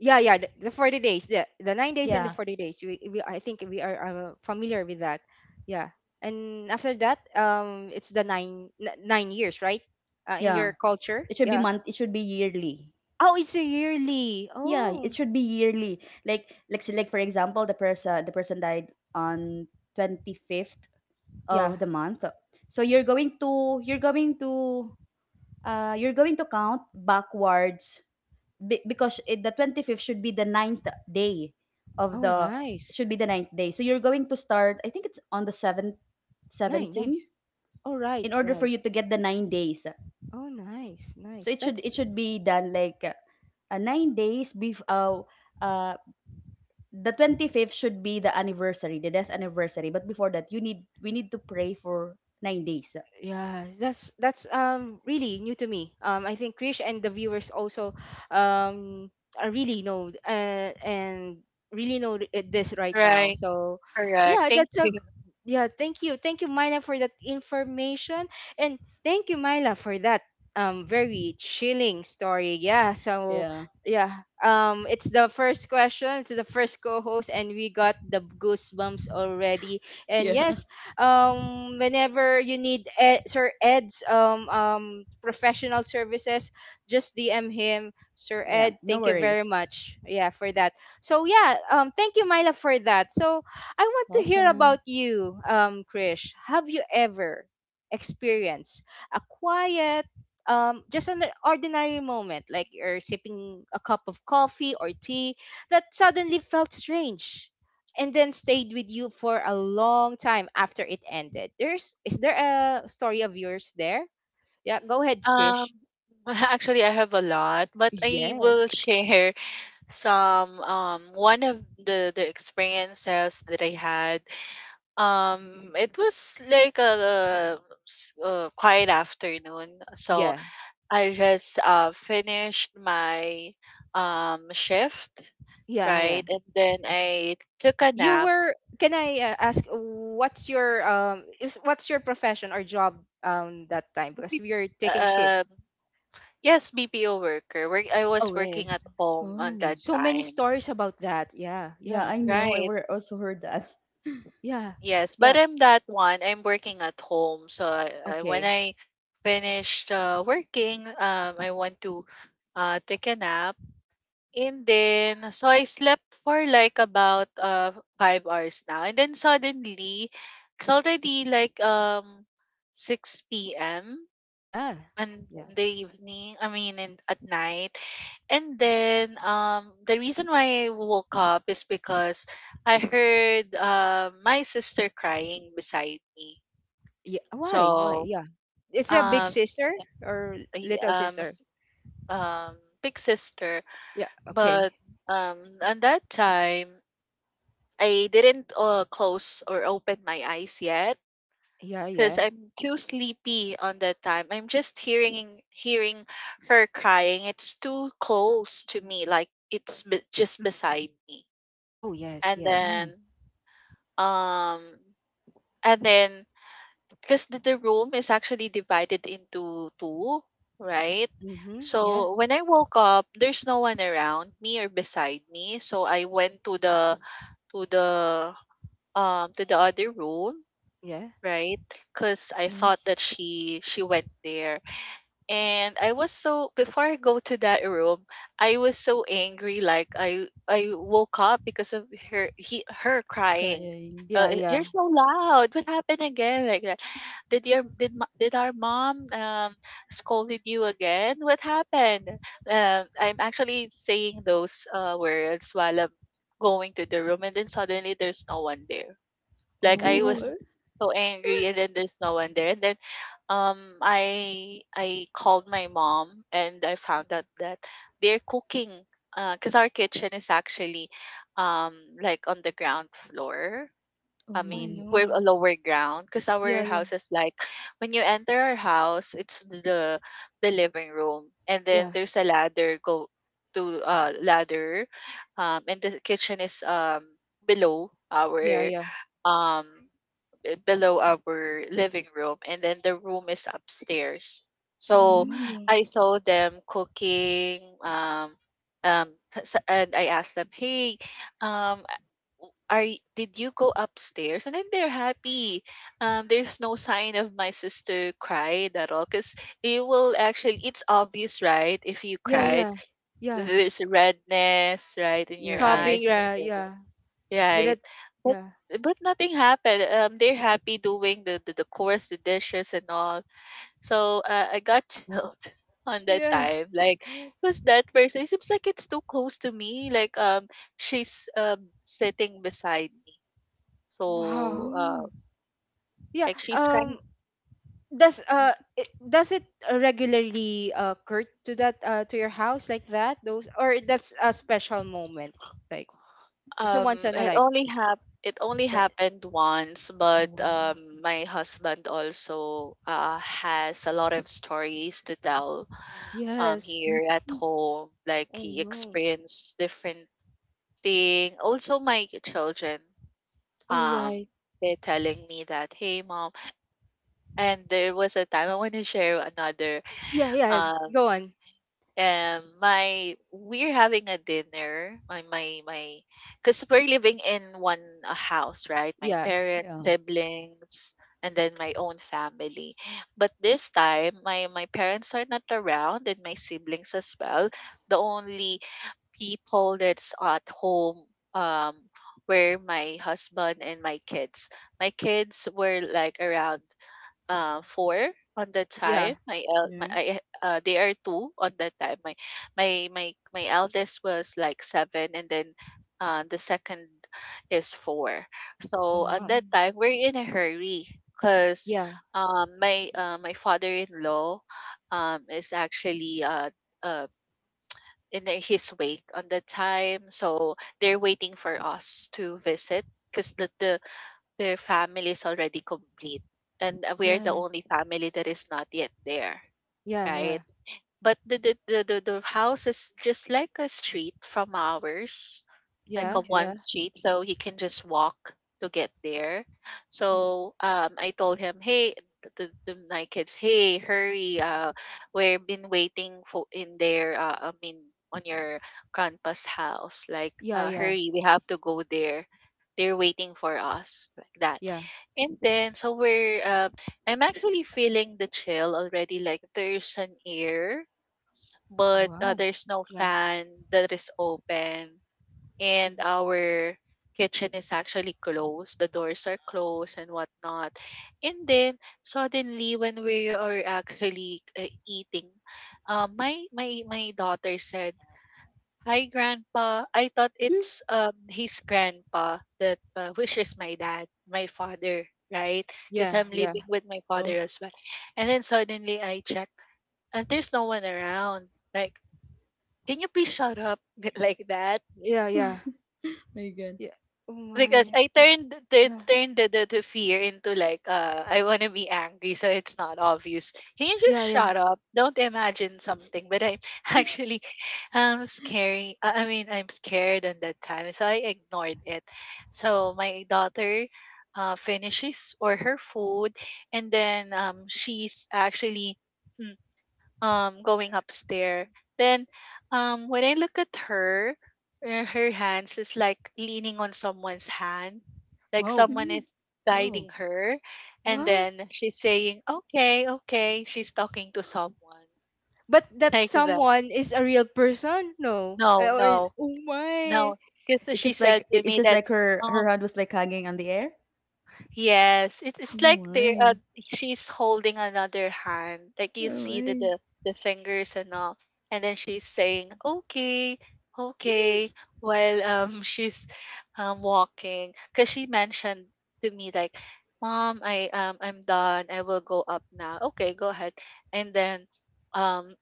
S1: Yeah, yeah, the 40 days, the 9 days and the
S3: Yeah.
S1: 40 days. We, I think we are, familiar with that. Yeah. And after that, it's the 9 years, right? In your
S3: Yeah.
S1: culture.
S3: It should be
S1: Yeah.
S3: month, it should be yearly.
S1: Oh, it's a yearly.
S3: Yeah, it
S1: Oh.
S3: should be yearly. Like so like for example, the person died on 25th of
S1: Yeah.
S3: the month. So you're going to you're going to you're going to count backwards be- because it, the 25th should be the ninth day of
S1: Oh,
S3: the
S1: nice.
S3: should be the ninth day. So you're going to start I think it's on the 7th
S1: Nine,
S3: 17
S1: nice. Oh, right,
S3: in order for
S1: right.
S3: you to get the 9 days.
S1: Oh, nice,
S3: So
S1: nice.
S3: it
S1: That's.
S3: should be done like 9 days before uh the 25th should be the anniversary, the death anniversary. But before that, you need we need to pray for 9 days.
S1: Yeah, that's really new to me. I think Krish and the viewers also um are really know, and really know this right now.
S2: Right,
S1: So
S2: correct.
S1: yeah,
S2: Thank
S1: that's a
S2: you.
S1: yeah. Thank you, Myla, for that information, and thank you, Myla, for that very chilling story. Yeah. So
S3: Yeah,
S1: yeah, it's the first question. It's the first co-host, and we got the goosebumps already. And
S3: yeah,
S1: yes, whenever you need Ed, Sir Ed's professional services, just DM him. Sir
S3: yeah.
S1: Ed,
S3: No
S1: thank you very
S3: worries.
S1: much, yeah, for that. So yeah, thank you Myla for that. So I want to hear about
S3: Welcome.
S1: you, Krish, have you ever experienced a quiet, just an ordinary moment, like you're sipping a cup of coffee or tea, that suddenly felt strange and then stayed with you for a long time after it ended. There's Is there a story of yours there? Yeah, go ahead,
S2: Um,
S1: Krish.
S2: actually, I have a lot, but I will
S1: Yes.
S2: share some, one of the experiences that I had. It was like a s- a quiet afternoon, so
S1: Yeah.
S2: I just finished my shift,
S1: Yeah, yeah.
S2: right? And then I took a
S1: You
S2: nap.
S1: were, can I ask what's your is what's your profession or job that time because
S2: We-
S1: we are taking
S2: Um,
S1: shifts?
S2: yes, BPO worker. Work, I
S1: Oh,
S2: was working at
S1: yes.
S2: home on
S3: Oh,
S2: that
S1: So many
S2: time,
S1: stories about that. Yeah,
S3: yeah.
S1: yeah.
S3: I know. I
S2: right?
S3: were also heard that.
S1: Yeah.
S2: Yes, but
S1: Yeah.
S2: I'm that one. I'm working at home, so when
S1: Okay.
S2: I finished working, I want to take a nap. And then, so I slept for like about 5 hours now. And then suddenly, it's already like 6 p.m.
S1: Yeah.
S2: and
S1: Yeah.
S2: in the evening. I mean, in, at night. And then the reason why I woke up is because I heard my sister crying beside me.
S1: Yeah. Why? Why?
S2: So
S1: Yeah. It's a
S3: Oh,
S1: big
S2: um
S1: sister or
S2: I-
S1: little
S2: um s-
S1: sister?
S2: um big sister,
S1: Yeah.
S2: but
S1: Okay.
S2: at that time I didn't close or open my eyes yet
S1: Yeah.
S2: because
S1: Yeah.
S2: I'm too sleepy on that time. I'm just hearing her crying. It's too close to me, like it's just beside me.
S1: Oh yes.
S2: And
S1: Yes.
S3: oh,
S2: then um and then because the, room is actually divided into two, right?
S1: Mm-hmm.
S3: y-
S1: Yeah.
S2: So when I woke up, there's no one around me or beside me. So I went to the to the to the other room.
S1: Yeah.
S2: Right, cause I thought
S3: yes.
S2: that she went there, and I was so before I go to that room, I was so angry, like, I woke up because of her crying.
S3: Crying.
S1: Yeah.
S2: "Y
S1: Yeah.
S2: you're so loud, what happened again?" Like that. "Did your did our mom, scolded you again? What happened?" I'm actually saying those, words while I'm going to the room, and then suddenly there's no one there. Like I
S3: Oh,
S1: Oh.
S2: was
S3: what?
S2: so angry and then there's no one there. And then I called my mom and I found out that they're cooking because our kitchen is actually um like on the ground floor.
S3: Oh
S2: I
S1: Oh
S3: my.
S2: mean, we're a
S1: no.
S2: lower ground because our
S1: Yeah. Yeah.
S2: house is like when you enter our house, it's the living room, and then
S1: Yeah.
S2: there's a ladder go to ladder, and the kitchen is below
S1: Yeah.
S2: our
S1: Yeah.
S2: um below our living room, and then the room is upstairs.
S1: Oh
S2: So
S3: Mm.
S1: no.
S2: I saw them cooking um and I asked them, hey, um are did you go upstairs? And then they're happy. There's no sign of my sister cried at all, because you will actually it's obvious, right? If you
S1: Yeah.
S3: Yeah.
S2: cried,
S1: Yeah. Yeah.
S2: there's redness right in your
S3: Your
S1: Sobbing.
S2: eyes
S3: eyes.
S2: and then
S1: Yeah.
S2: your
S1: Yeah. With
S2: right.
S1: that.
S2: But
S1: Yeah.
S2: but nothing happened. They're happy doing the course, the dishes and all. So I got chilled on that
S1: Yeah.
S2: time. Like, who's that person? It seems like it's too close to me. Like, she's sitting beside me. So
S1: Wow.
S3: Mm.
S1: Yeah.
S2: like she's crying.
S1: Does it, regularly occur to that, to your house like that those, or that's a special moment like? It's a once in a life.
S2: It only
S1: But,
S2: happened once,
S1: oh,
S2: but
S1: wow.
S2: my husband also has a lot of stories to tell
S1: Yes.
S2: here at
S3: Mm.
S2: home, like
S1: Oh
S2: he
S1: no.
S2: experienced different thing also. My children,
S1: Oh
S2: um
S1: right.
S2: they're telling me that, hey, mom. And there was a time I want to share another
S1: Yeah, yeah.
S2: um
S1: Go on.
S2: and my we're having a dinner my my my because we're living in one house, right? My
S1: Yeah,
S2: parents,
S3: Yeah.
S2: siblings, and then my own family. But this time my parents are not around, and my siblings as well. The only people that's at home, um were my husband and my kids. My kids were like around four on the
S1: yeah.
S2: time. My el- my
S3: Yeah.
S2: I, they are two on that time. My eldest was like seven, and then the second is four.
S1: Oh
S2: So at
S1: wow.
S2: that
S3: Mm.
S2: time we're in a hurry because
S1: Yeah,
S2: my my father-in-law is actually uh in the, his wake on the time. So they're waiting for us to visit because the, their family is already complete, and we are the
S1: yeah,
S2: only family that is not yet there,
S1: yeah, yeah,
S2: right? But the house is just like a street from ours, like
S1: yeah,
S2: a
S1: yeah,
S2: one
S3: Okay.
S2: street, so he can just walk to get there. So I told him, hey, the my kids, hey, hurry, we've been waiting for in there, I mean, on your grandpa's house. Like,
S1: yeah,
S2: uh,
S1: yeah,
S2: hurry, we have to go there, they're waiting for us, like that.
S1: yeah.
S2: And then so we're I'm actually feeling the chill already, like there's an air, but
S1: Wow.
S2: there's no
S1: Yeah.
S2: fan that is open, and
S1: It's-
S2: our kitchen is actually closed. The doors are closed and whatnot. And then suddenly, when we are actually eating, my daughter said, "Hi, Grandpa." I thought
S3: Mm.
S2: it's his grandpa that which is my dad, my father, right? Because
S1: Yeah,
S2: I'm
S1: yeah,
S2: living with my
S3: Oh
S2: father as well. And then suddenly, I check, and there's no one around. Like, can you please shut up like that?
S1: yeah, yeah,
S3: my God.
S1: yeah. Oh
S2: Because
S1: my.
S2: I
S1: Yeah,
S2: turned the fear into like I wanna be angry so it's not obvious. Can you just
S1: yeah, yeah.
S2: shut up? Don't imagine something. But I'm actually scary. I mean, I'm scared on that time. So I ignored it. So my daughter finishes or her food, and then she's actually hmm, going upstairs. Then when I look at her, her hands is like leaning on someone's hand, like
S1: Wow.
S2: someone
S3: Mm.
S2: is
S3: Wow.
S2: guiding her, and
S1: What?
S2: then she's saying, "Okay, okay." She's talking to someone
S1: But that
S2: like that.
S1: someone is a real person? No. Eh,
S2: No,
S1: or
S2: no,
S1: oh my.
S2: no, because
S3: It's
S2: she
S3: just
S2: said
S3: like
S2: to
S3: it- it's
S2: me
S3: just
S2: that,
S3: like her her hand was like hanging on the air.
S2: yes, it,
S3: Oh
S2: it's like they
S3: my!
S2: she's holding another hand. Like you
S3: Oh
S2: see the,
S3: my!
S2: the fingers and all, and then she's saying, "Okay, okay," while she's walking, because she mentioned to me like, "Mom, I I'm done. I will go up now." Okay, go ahead. And then um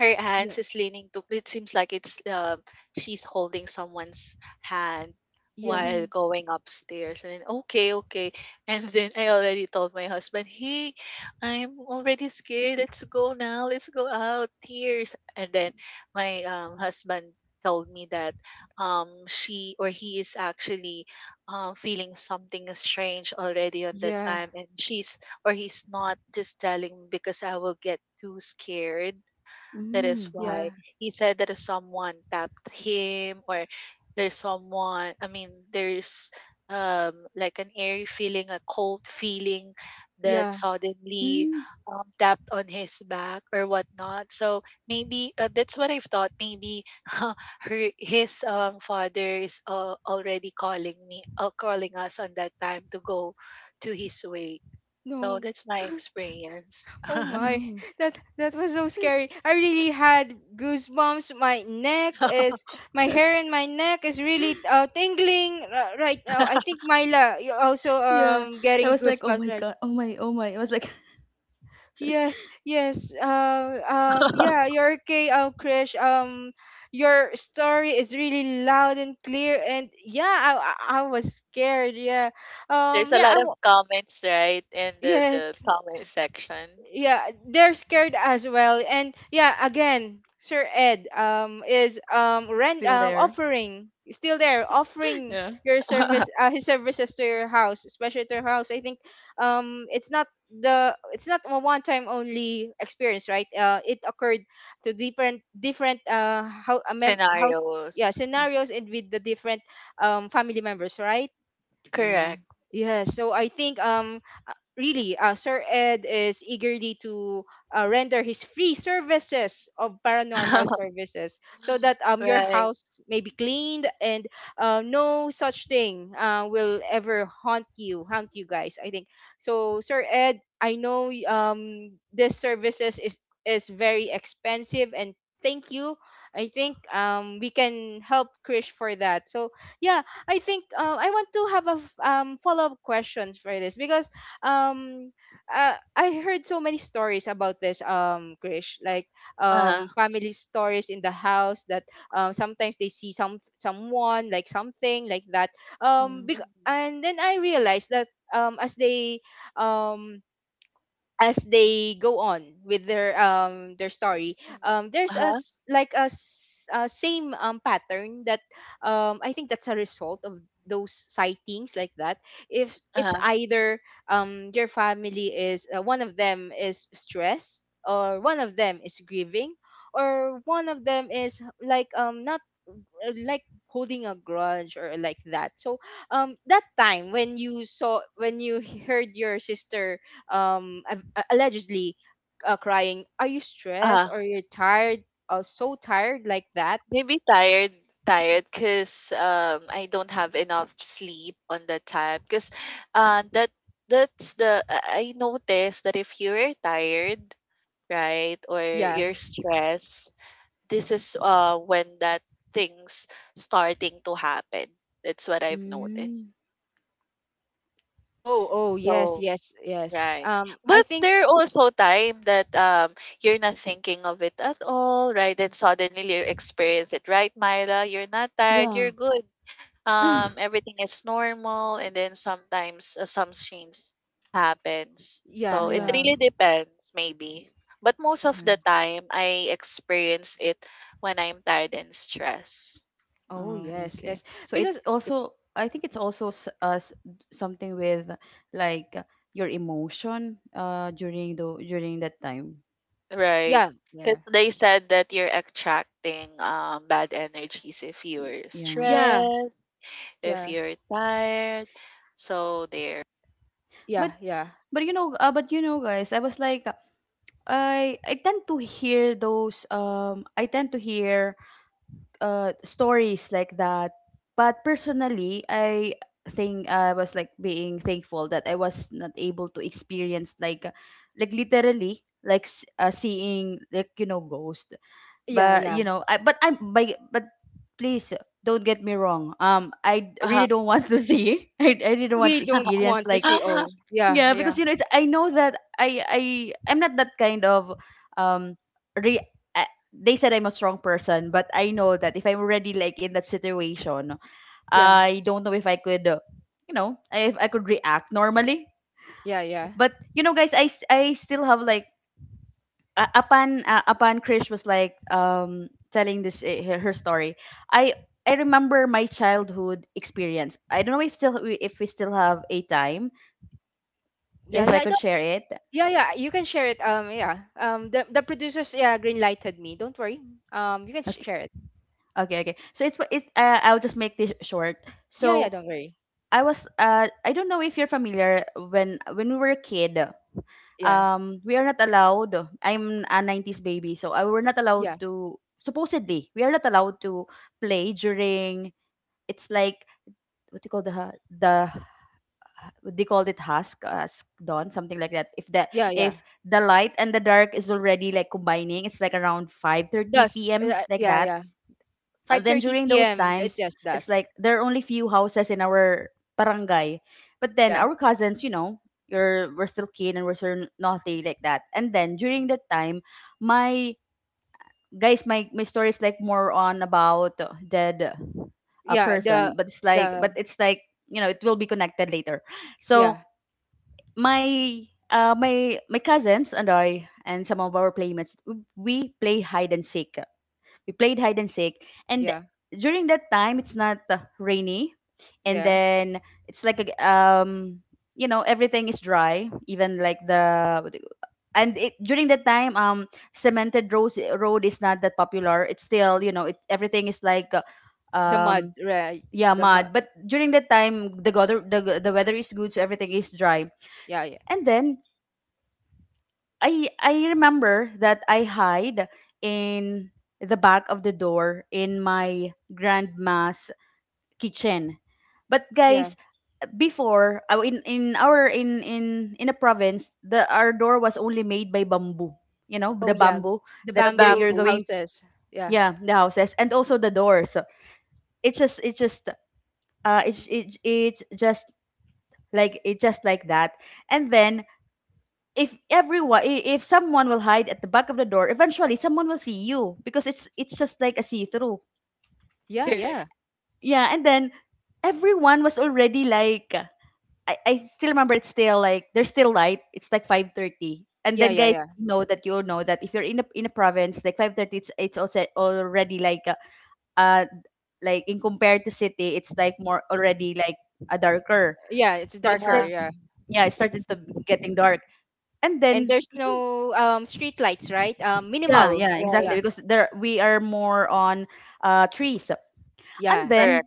S2: her
S1: Yeah,
S2: hands is leaning to, it seems like it's she's holding someone's hand
S1: yeah,
S2: while
S3: Oh,
S2: going upstairs, and then, okay, okay. And then I already told my husband, hey, I'm already scared, let's go now, let's go out here. And then my husband told me that she or he is actually feeling something strange already on that
S1: yeah,
S2: time, and she's or he's not just telling me because I will get too scared. That is
S3: mm, I
S1: yeah,
S2: why
S3: see.
S2: he said that is someone tapped him or there's someone, I mean, there's like an airy feeling, a cold feeling that
S1: yeah.
S2: suddenly
S3: Mm,
S2: tapped on his back or whatnot. So maybe that's what I've thought. Maybe her, his father is already calling me, calling us on that time to go to his wake. So
S1: No.
S2: that's my experience.
S1: Oh my,
S3: oh,
S1: that was so scary. I really had goosebumps. My neck is, my hair in my neck is really, tingling right now. I think Myla, you also
S3: yeah. I
S1: getting
S3: was like, oh
S1: goosebumps,
S3: my
S1: right?
S3: god! Oh my! Oh my! I was like,
S1: Yes, yes. Yeah, you're okay, Krish. Your story is really loud and clear, and yeah, I was scared. Yeah.
S2: There's a
S1: Yeah,
S2: lot of comments, right, in the
S1: yes.
S2: comment section.
S1: Yeah, they're scared as well. And yeah, again, Sir Ed is rent
S3: still there.
S1: offering, still there, offering
S3: Yeah.
S1: your service his services to your house, especially to your house. I think it's not the it's not a one time only experience, right? It occurred to different house yeah,
S2: Scenarios.
S3: Y-
S1: scenarios, and with the different family members, right?
S3: Yeah.
S2: Correct.
S1: Yeah, so I think, really, Sir Ed is eagerly to render his free services of paranormal services so that your
S2: Right.
S1: house may be cleaned and no such thing will ever haunt you guys. I think so, Sir Ed. I know this services is very expensive, and thank you. I think we can help Krish for that. So yeah, I think I want to have a follow up questions for this, because um I heard so many stories about this, Krish, like
S2: Uh-huh.
S1: family stories in the house that sometimes they see someone like something like that.
S3: Yeah.
S2: Mhm,
S1: And then I realized that, um, as they um, as they go on with their story,
S2: mhm.
S1: there's a
S2: Uh-huh.
S1: same pattern that, I think, that's a result of those sightings, like that, if
S2: Uh-huh.
S1: it's either your family is, one of them is stressed, or one of them is grieving, or one of them is like not, like holding a grudge or like that. So that time when you heard your sister allegedly crying, are you stressed or you're tired, so tired, like that?
S2: Maybe tired, tired, cause I don't have enough sleep on that time. Cause uh that that's the I noticed that if you're tired, right, or
S1: Yeah.
S2: you're stressed, this is when that things starting to happen. That's what I've
S3: Mm.
S2: noticed.
S1: Oh, oh, yes,
S2: So
S1: yes, yes,
S2: right.
S1: I
S2: But
S1: think.
S2: there are also time that you're not thinking of it at all, right? And suddenly you experience it, right, Myla? You're not tired,
S3: Yeah.
S2: you're good. Um, everything is normal, and then sometimes some change happens.
S1: Yeah,
S2: So it
S1: yeah.
S3: yeah.
S2: really depends, maybe. But most of the
S3: Yeah.
S2: time I experience it when I'm tired and stressed.
S1: Oh
S3: Oh,
S1: yes,
S3: okay.
S1: yes.
S3: So
S1: Because
S3: it also, I think it's also s- s- something with like your emotion during the during that time.
S2: Right.
S1: yeah, yeah,
S2: Because they said that you're attracting bad energies if
S3: Y-
S2: you're
S3: Yeah.
S1: yeah,
S2: stressed, if
S1: yeah,
S2: you're tired. So there.
S1: yeah,
S3: But
S1: yeah,
S3: you know but you know, guys, I was like I tend to hear those I tend to hear stories like that, but personally I think I was like being thankful that I was not able to experience like literally like s- seeing, like, you know, ghost.
S1: yeah,
S3: But
S1: yeah.
S3: you know I but I'm by but please don't get me wrong. I
S2: Uh-huh.
S3: really don't want to see I really don't want
S1: We
S3: to
S1: don't
S3: experience
S1: want to
S3: like,
S1: see all. Yeah,
S3: yeah,
S1: yeah,
S3: because you know it's I know that I'm not that kind of um re they said I'm a strong person. But I know that if I'm already like in that situation,
S1: yeah,
S3: I don't know if I could you know, if I could react normally.
S1: yeah, yeah,
S3: But you know, guys, I still have like upon Krish was like telling this her, her story. I I remember my childhood experience. I don't know if still we- if we still have a time
S1: yeah,
S3: if I
S1: yeah,
S3: could
S1: don't.
S3: share it.
S1: Yeah, yeah, you can share it, the producers yeah green lighted me, don't worry. You can sh-
S3: Okay,
S1: share it.
S3: okay. So it's I'll just make this short.
S1: Yeah, yeah,
S3: So
S1: don't worry.
S3: I was uh I don't know if you're familiar when we were a kid.
S1: Yeah.
S3: We are not allowed. I'm a '90s baby, so I were not allowed
S1: Yeah,
S3: to. Supposedly, we are not allowed to play during. It's like what do you call the they called it husk dawn something like that
S1: yeah, yeah.
S3: if the light and the dark is already like combining, it's like around 5:30
S1: Dusk.
S3: p.m. like
S1: Yeah,
S3: that.
S1: yeah.
S3: Then
S1: 5:30
S3: during those
S1: p.m. That's
S3: times
S1: just
S3: it's
S1: dusk.
S3: like there are only few houses in our barangay, but then
S1: Yeah.
S3: our cousins, you know, you're we're still kid and we're still naughty like that. And then during that time my guys my my story is like more on about dead a
S1: Yeah,
S3: person, but
S1: the
S3: it's like, you know, it will be connected later. So
S1: yeah,
S3: my my cousins and I and some of our playmates we play hide and seek. We played hide and seek. And
S1: yeah,
S3: during that time it's not rainy. And
S1: yeah.
S3: then it's like you know, everything is dry, even like the, during that time, cemented road is not that popular, it's still, you know, it everything is like
S1: The mud,
S3: um
S1: right?
S3: yeah,
S1: The mud.
S3: mud. But during that time the weather, the weather is good, so everything is dry.
S1: Yeah, yeah.
S3: And then I remember that I hide in the back of the door in my grandma's kitchen. But
S1: Yeah.
S3: guys, before, in our in a province, the our door was only made by bamboo, you know,
S1: Oh,
S3: the
S1: yeah.
S3: bamboo
S1: The
S3: that
S2: The
S3: there you're
S1: bamboo
S2: bamboo.
S3: going,
S1: houses. Yeah.
S3: yeah, the houses and also the doors. So it's just it's just it's it, it's just like it, just like that. And then if if someone will hide at the back of the door, eventually someone will see you, because it's just like a see through
S1: Yeah,
S2: Correct.
S1: yeah.
S3: yeah, and then everyone was already like, I still remember, it's still like there's still light. It's like 5:30, and
S1: Yeah,
S3: then
S1: yeah,
S3: guys,
S1: yeah.
S3: you know that, you know that if you're in a province like 5:30, it's also already uh, like in compared to city, it's like more already like a darker.
S1: Yeah, it's
S3: So it's
S1: darker,
S3: like,
S2: Uh-huh.
S1: yeah.
S3: yeah, it started to getting dark, and
S1: And
S3: then
S1: there's
S3: I think,
S1: no street lights, right?
S3: yeah,
S1: Minimal.
S3: yeah,
S2: Right.
S3: exactly,
S1: Yeah.
S3: because there we are more on trees. And
S1: Yeah.
S2: Correct.
S3: then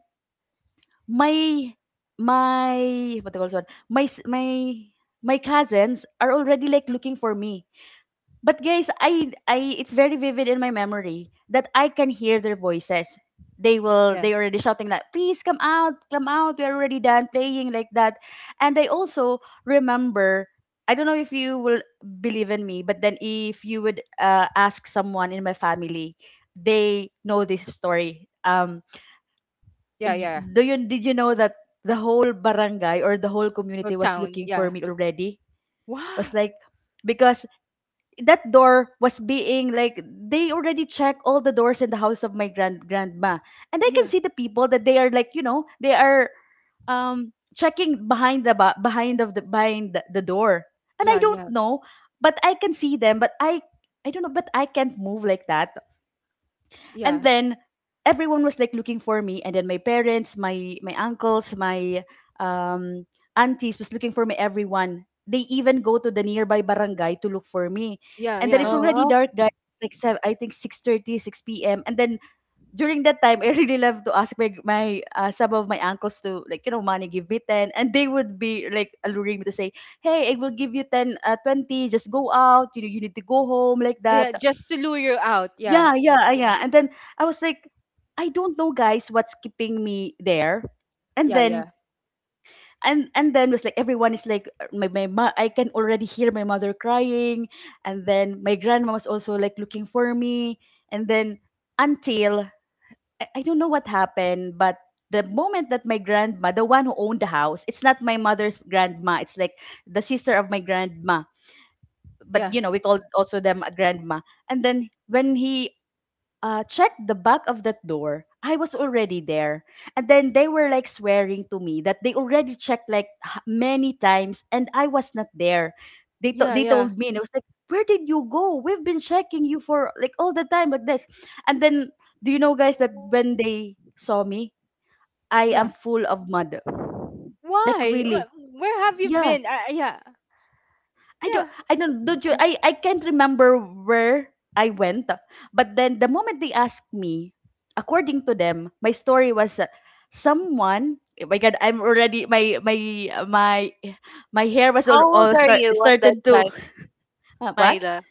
S3: my my what do you call this one, my my cousins are already like looking for me. But guys, I it's very vivid in my memory that I can hear their voices. They will
S1: Yeah.
S3: they already shouting like, please come out, we're already done playing, like that. And I also remember, I don't know if you will believe in me, but then if you would ask someone in my family, they know this story.
S1: Yeah, yeah.
S3: Do you, did you know that the whole barangay or the whole community
S1: Old
S3: was
S1: town.
S3: looking for
S1: Yeah.
S3: me already?
S1: Wow.
S3: Was like, because that door was being like, they already check all the doors in the house of my grandma, and I can
S1: Yeah.
S3: see the people that they are like, you know, they are checking behind the ba- behind of the behind the door. And I
S1: Yeah,
S3: don't
S1: yeah.
S3: know, but I can see them, but I don't know, but I can't move like that. And
S1: Yeah.
S3: then everyone was like looking for me, and then my parents, my uncles, my um aunties was looking for me, everyone, they even go to the nearby barangay to look for me.
S1: Yeah,
S3: And then
S1: yeah.
S3: it's already
S2: Uh-huh.
S3: dark, guys. It's like seven, I think 6:30, 6 p.m. And then during that time I really love to ask my some of my uncles to, like, you know, money, give me 10, and they would be like alluring me to say, hey, I will give you 10, 20, just go out, you know, you need to go home, like
S1: Oh,
S3: that.
S1: yeah, just to lure you out. Yeah,
S3: Yeah, yeah, yeah. And then I was like, I don't know, guys, what's keeping me there. And
S1: yeah,
S3: then
S1: yeah,
S3: and then was like everyone is like I can already hear my mother crying, and then my grandma was also like looking for me. And then, until, I don't know what happened, but the moment that my grandma, the one who owned the house, it's not my mother's grandma, it's like the sister of my grandma, but,
S1: yeah,
S3: you know, we call also them a grandma. And then when he, checked the back of that door, I was already there. And then they were like swearing to me that they already checked like many times and I was not there.
S1: yeah,
S3: They
S1: yeah,
S3: told me, and I was like, where did you go? We've been checking you for like all the time, like this. And then, do you know, guys, that when
S2: Oh.
S3: they saw me, I am
S1: yeah.
S3: full of mud. Like,
S1: Why?
S3: really.
S1: Where have you
S3: Yeah,
S1: been? Yeah, yeah.
S3: I don't you I can't remember where I went. But then the moment they asked me, according to them, my story was someone, oh my god, I'm already my my hair was
S2: How old
S3: all
S2: are
S3: start
S2: you on that
S3: started to,
S2: time,
S3: what?
S2: Myla?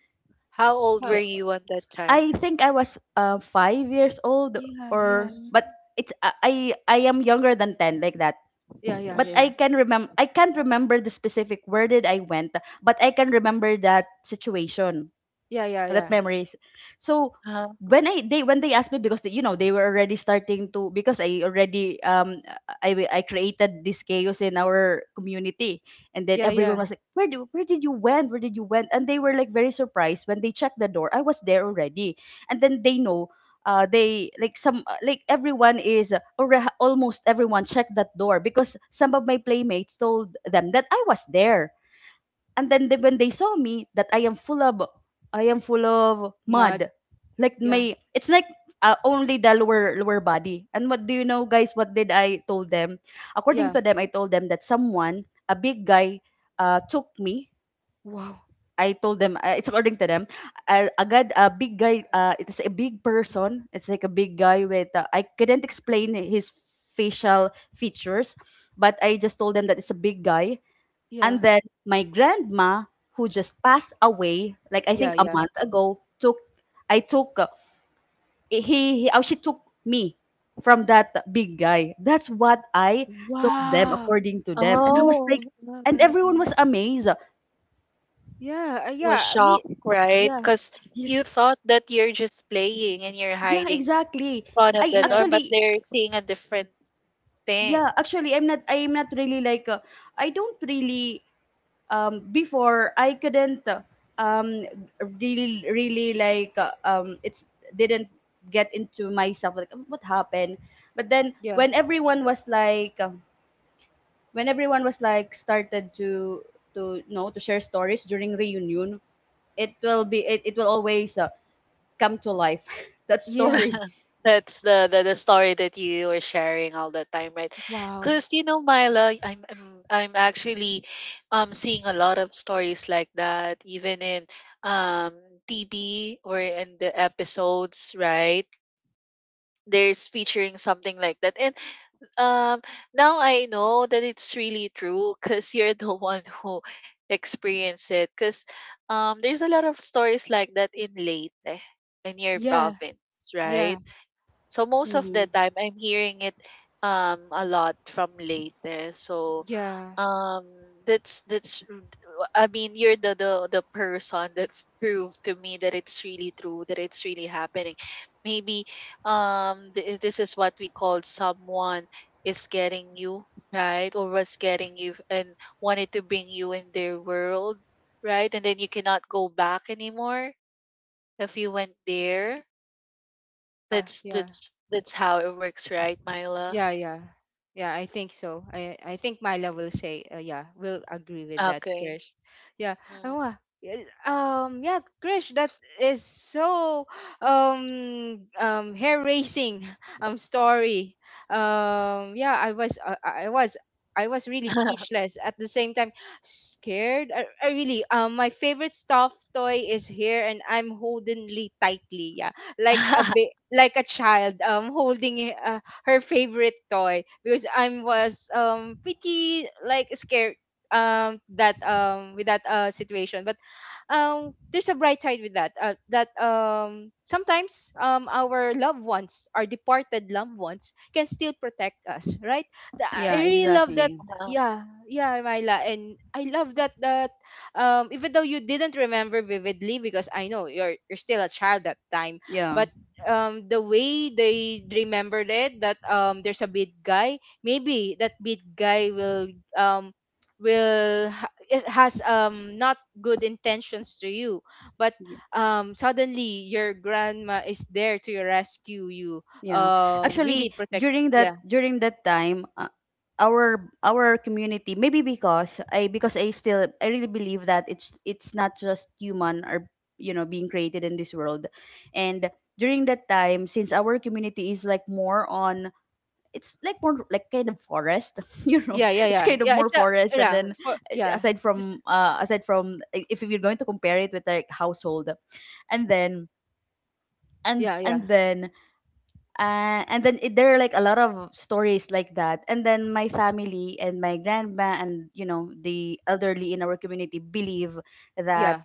S2: How old
S1: How?
S2: were
S3: Yeah.
S2: you on that time?
S3: I think I was 5 years old,
S1: Yeah, yeah,
S3: or
S2: Mm.
S3: but it's I am younger than 10, like that.
S1: yeah,
S2: Mm,
S1: yeah,
S3: But I
S1: yeah,
S3: can remember,
S2: okay.
S3: I can't remember the specific where did I went, but I can remember that situation,
S1: yeah, yeah,
S3: that
S1: yeah,
S3: memories. So
S2: Uh-huh.
S3: when I they when they asked me, because they, you know, they were already starting to, because I already, I created this chaos in our community. And then
S1: yeah,
S3: everyone
S1: yeah.
S3: was like, where did you went, where did you went? And they were like very surprised when they checked the door, I was there already. And then they know, they like some like everyone is almost everyone checked that door, because some of my playmates told them that I was there. And then they, when they saw me that I am full of
S1: Mud.
S3: mud. Like
S1: Yeah,
S3: my it's like, only the lower body. And what do you know, guys, what did I told them? According
S1: yeah.
S3: to them, I told them that someone, a big guy, took me.
S1: Wow.
S3: I told them, it's according to them, agad a big guy, it's a big person. It's like a big guy with, I couldn't explain his facial features, but I just told them that it's a big guy. And
S1: Yeah,
S3: then my grandma, who just passed away, like I
S1: yeah,
S3: think a
S1: yeah.
S3: month ago, took, I took, she took me from that big guy. That's what I told them,
S1: Wow.
S3: according to them. And I was like,
S2: Oh,
S3: and
S2: alright.
S3: everyone was amazed.
S1: Yeah,
S2: Was
S1: yeah. Me.
S2: shocked, right?
S1: Yeah,
S2: Because you thought that you're just playing and you're
S3: Yeah,
S2: hiding
S3: exactly.
S2: in front of
S3: I
S2: the door,
S1: yeah,
S2: but
S3: actually,
S2: they're seeing a different thing.
S3: yeah, actually, I'm not really like, I don't really, before I couldn't, um, really, it's didn't get into myself like, um, what happened. But then
S1: yeah,
S3: when everyone was like, when everyone was like started to, you know, to share stories during reunion, it will always come to life that
S1: yeah.
S3: story.
S2: That's the, the story that you were sharing all the time, right?
S1: Wow.
S2: Because you know, Myla, I'm actually seeing a lot of stories like that, even in um TV, or in the episodes, right? There's featuring something like that, and um, now I know that it's really true because you're the one who experienced it. Because there's a lot of stories like that in Leyte, in your
S1: Yeah,
S2: province, right?
S1: yeah,
S2: So most of the
S3: Hmm.
S2: time I'm hearing it a lot from later. So
S1: yeah,
S2: um I mean, you're the person that's proved to me that it's really true, that it's really happening. Maybe this is what we call someone is getting you, right? Or was getting you and wanted to bring you in their world, right? And then you cannot go back anymore if you went there.
S1: yeah,
S2: That's
S1: yeah.
S2: that's how it works, right, Myla?
S1: Yeah, yeah. Yeah, I think so. I think Myla
S2: Mhm.
S1: will say, yeah, will agree with that,
S2: Okay.
S1: Krish. Yeah. Oh,
S2: Hmm.
S1: wow. Yeah. Yeah, Krish, that is so hair raising story. Yeah, I was really speechless, at the same time scared. I really, my favorite stuffed toy is here and I'm holding it tightly. Yeah. Like a bit like a child holding it, her favorite toy, because I was pretty like scared that with that situation. But there's a bright side with that, sometimes our loved ones, our departed loved ones, can still protect us, right? I
S3: Yeah,
S1: really love that.
S3: exactly.
S1: Yeah, yeah, Myla, and I love that, that even though you didn't remember vividly, because I know you're still a child that time,
S3: Yeah.
S1: but the way they remembered it, that there's a big guy, maybe that big guy will um it has not good intentions to you, but
S3: y-
S1: suddenly your grandma is there to your rescue you,
S3: Yeah. Actually,
S1: really protect.
S3: during
S1: Yeah,
S3: that time, our community, maybe because I still, I really believe that it's not just human or, you know, being created in this world. And during that time, since our community is like more on, it's like more like kind of forest, you know.
S1: yeah, yeah,
S3: It's
S1: yeah,
S3: kind of
S1: yeah,
S3: more
S1: it's a
S3: forest. And
S1: yeah
S3: then,
S1: for yeah, just
S3: aside from if you're going to compare it with like household, and then and
S1: yeah,
S3: and
S1: yeah,
S3: then and then it, there are like a lot of stories like that. And then my family and my grandma and, you know, the elderly in our community believe that
S1: yeah.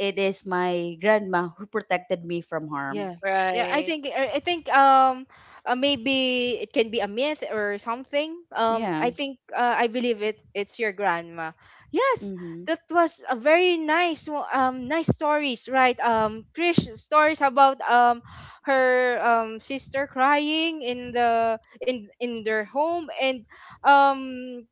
S3: it is my grandma who protected me from harm.
S1: Yeah. Yeah,
S2: Right.
S1: I think maybe it can be a myth or something.
S3: Yeah.
S1: I think, I believe it, it's your grandma. Yes,
S3: Mm-hmm.
S1: that was a very nice nice stories, right? Krish stories about her sister crying in their home, um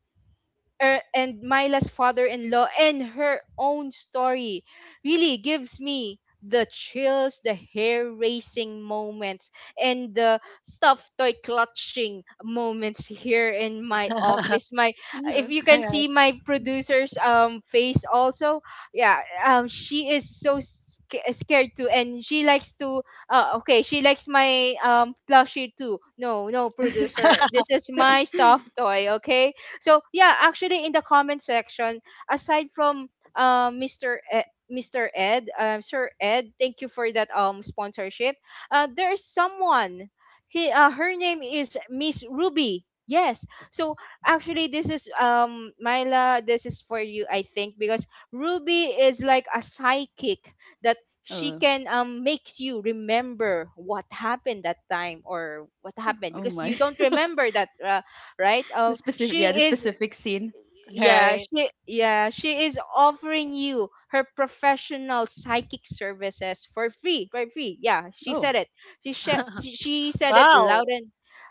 S1: and Myla's father-in-law and her own story really gives me the chills, the hair-raising moments, and the stuffed toy clutching moments here in my office. My,
S3: Yeah.
S1: if you can
S2: Right.
S1: see my producer's face also, yeah, she is so scared too, and she likes to, okay, she likes my plushie too. No, no, producer, this is my stuffed toy, okay? So yeah, actually, in the comment section, aside from mr E- mr ed Sir Ed, thank you for that sponsorship, there is someone, he her name is Miss Ruby. Yes, so actually this is Myla, this is for you, I think, because Ruby is like a psychic that she
S3: Oh.
S1: can makes you remember what happened that time, or what happened,
S3: Oh
S1: because you
S3: my.
S1: don't remember that, right?
S3: The specific. Yeah. The
S1: She is,
S3: specific scene.
S2: Right.
S1: yeah, she is offering you her professional psychic services for free, for free. Yeah, she said
S3: Oh.
S1: it. She sh- she said it loud
S2: Wow.
S1: and,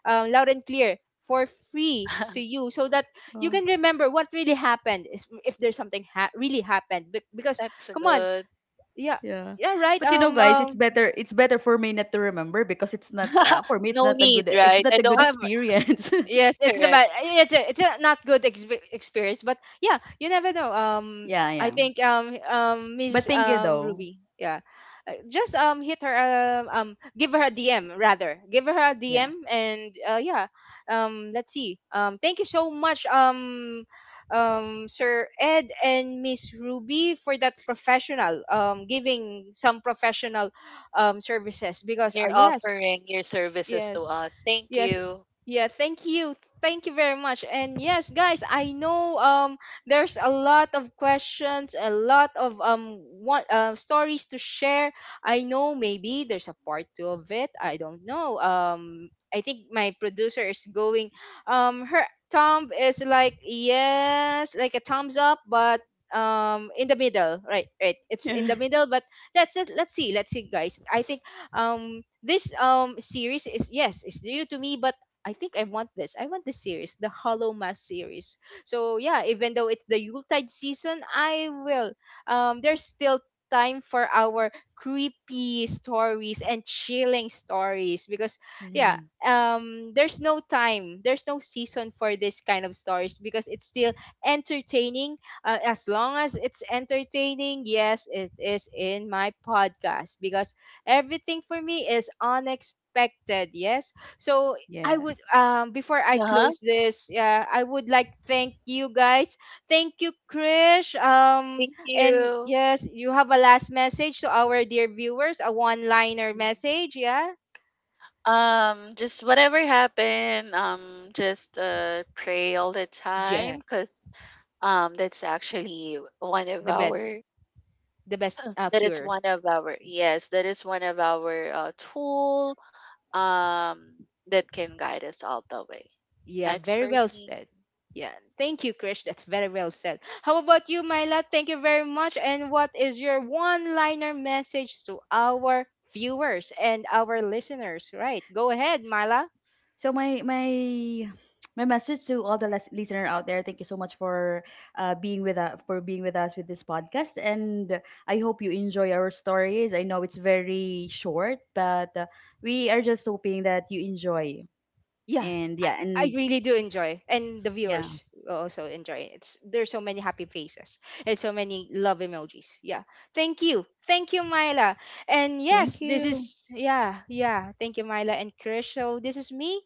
S1: loud and clear, for free, to you, so that you
S3: Oh.
S1: can remember what really happened. Is if there's something really happened. Because
S2: That's
S1: come on,
S2: good.
S1: yeah,
S3: Yeah.
S1: yeah, right.
S3: But you know, guys, it's better. It's better for me not to remember, because it's not for me. It's
S2: No
S3: not a
S2: need,
S3: good. It's
S2: right?
S3: not
S2: I
S3: a good
S2: don't.
S1: Um,
S3: experience.
S1: yes, it's
S2: Right.
S1: about it's a not good experience, but yeah, you never know.
S3: Yeah.
S1: I
S3: Yeah.
S1: think Miss
S3: But thank you, though.
S1: Ruby, yeah, just hit her give her a DM, rather, give her a
S3: Yeah.
S1: DM, and yeah, let's see. Thank you so much, Sir Ed and Miss Ruby, for that professional, giving some professional services, because
S2: You're
S1: yes,
S2: offering your services to
S1: yes.
S2: us. Thank
S1: Yes.
S2: you.
S1: Yeah, thank you. Thank you very much. And yes, guys, I know there's a lot of questions, a lot of what stories to share. I know maybe there's a part 2 of it. I don't know. I think my producer is going her thumb is like yes, like a thumbs up, but in the middle. Right, right. It's
S3: Yeah.
S1: in the middle, but that's it. Let's see. Let's see, guys. I think this series is yes, it's new to me, but I think I want the series, the Hollow Mass series. So yeah, even though it's the Yuletide season, I will, there's still time for our creepy stories and chilling stories, because yeah,
S3: Yeah.
S1: there's no time, there's no season for this kind of stories, because it's still entertaining, as long as it's entertaining. Yes, it is, in my podcast, because everything for me is unexpected. Yes. So I would,
S3: Yes.
S1: before I
S2: Uh-huh.
S1: close this, I would like thank you guys, thank you, Krish,
S2: Thank
S1: and
S2: you.
S1: yes, you have a last message to our dear viewers, a one liner message. Yeah,
S2: Just whatever happened, just pray all the
S1: yeah,
S2: time, because um, that's actually one of
S1: the best,
S2: our
S1: the best,
S2: that is
S1: cure.
S2: one of our, yes, that is one of our tool um that can guide us all the way.
S1: Yeah,
S2: Thanks
S1: very
S2: for
S1: well
S2: me.
S1: said. Yeah, thank you, Krish. That's very well said. How about you, Myla? Thank you very much. And what is your one liner message to our viewers and our listeners? Right, go ahead, Myla.
S3: So my my message to all the listener out there, thank you so much for being with us for being with us with this podcast, and I hope you enjoy our stories. I know it's very short, but we are just hoping that you enjoy.
S1: Yeah, I, I
S3: And
S1: really do enjoy, and the
S3: yeah,
S1: viewers also enjoy. It's there's so many happy faces and so many love emojis. Yeah, thank you, Myla. And
S3: thank
S1: yes, this
S3: you.
S1: is yeah, yeah. Thank you, Myla and Krish. So this is me.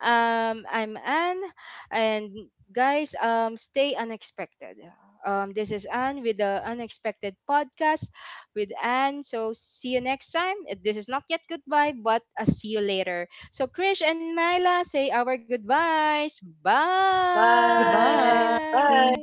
S1: I'm Anne, and guys, stay unexpected. This is Anne with the Unexpected Podcast with Anne. So see you next time. This is not yet goodbye, but I see you later. So, Krish and Myla, say our goodbyes. Bye.
S2: Bye.
S3: Goodbye.
S2: Bye.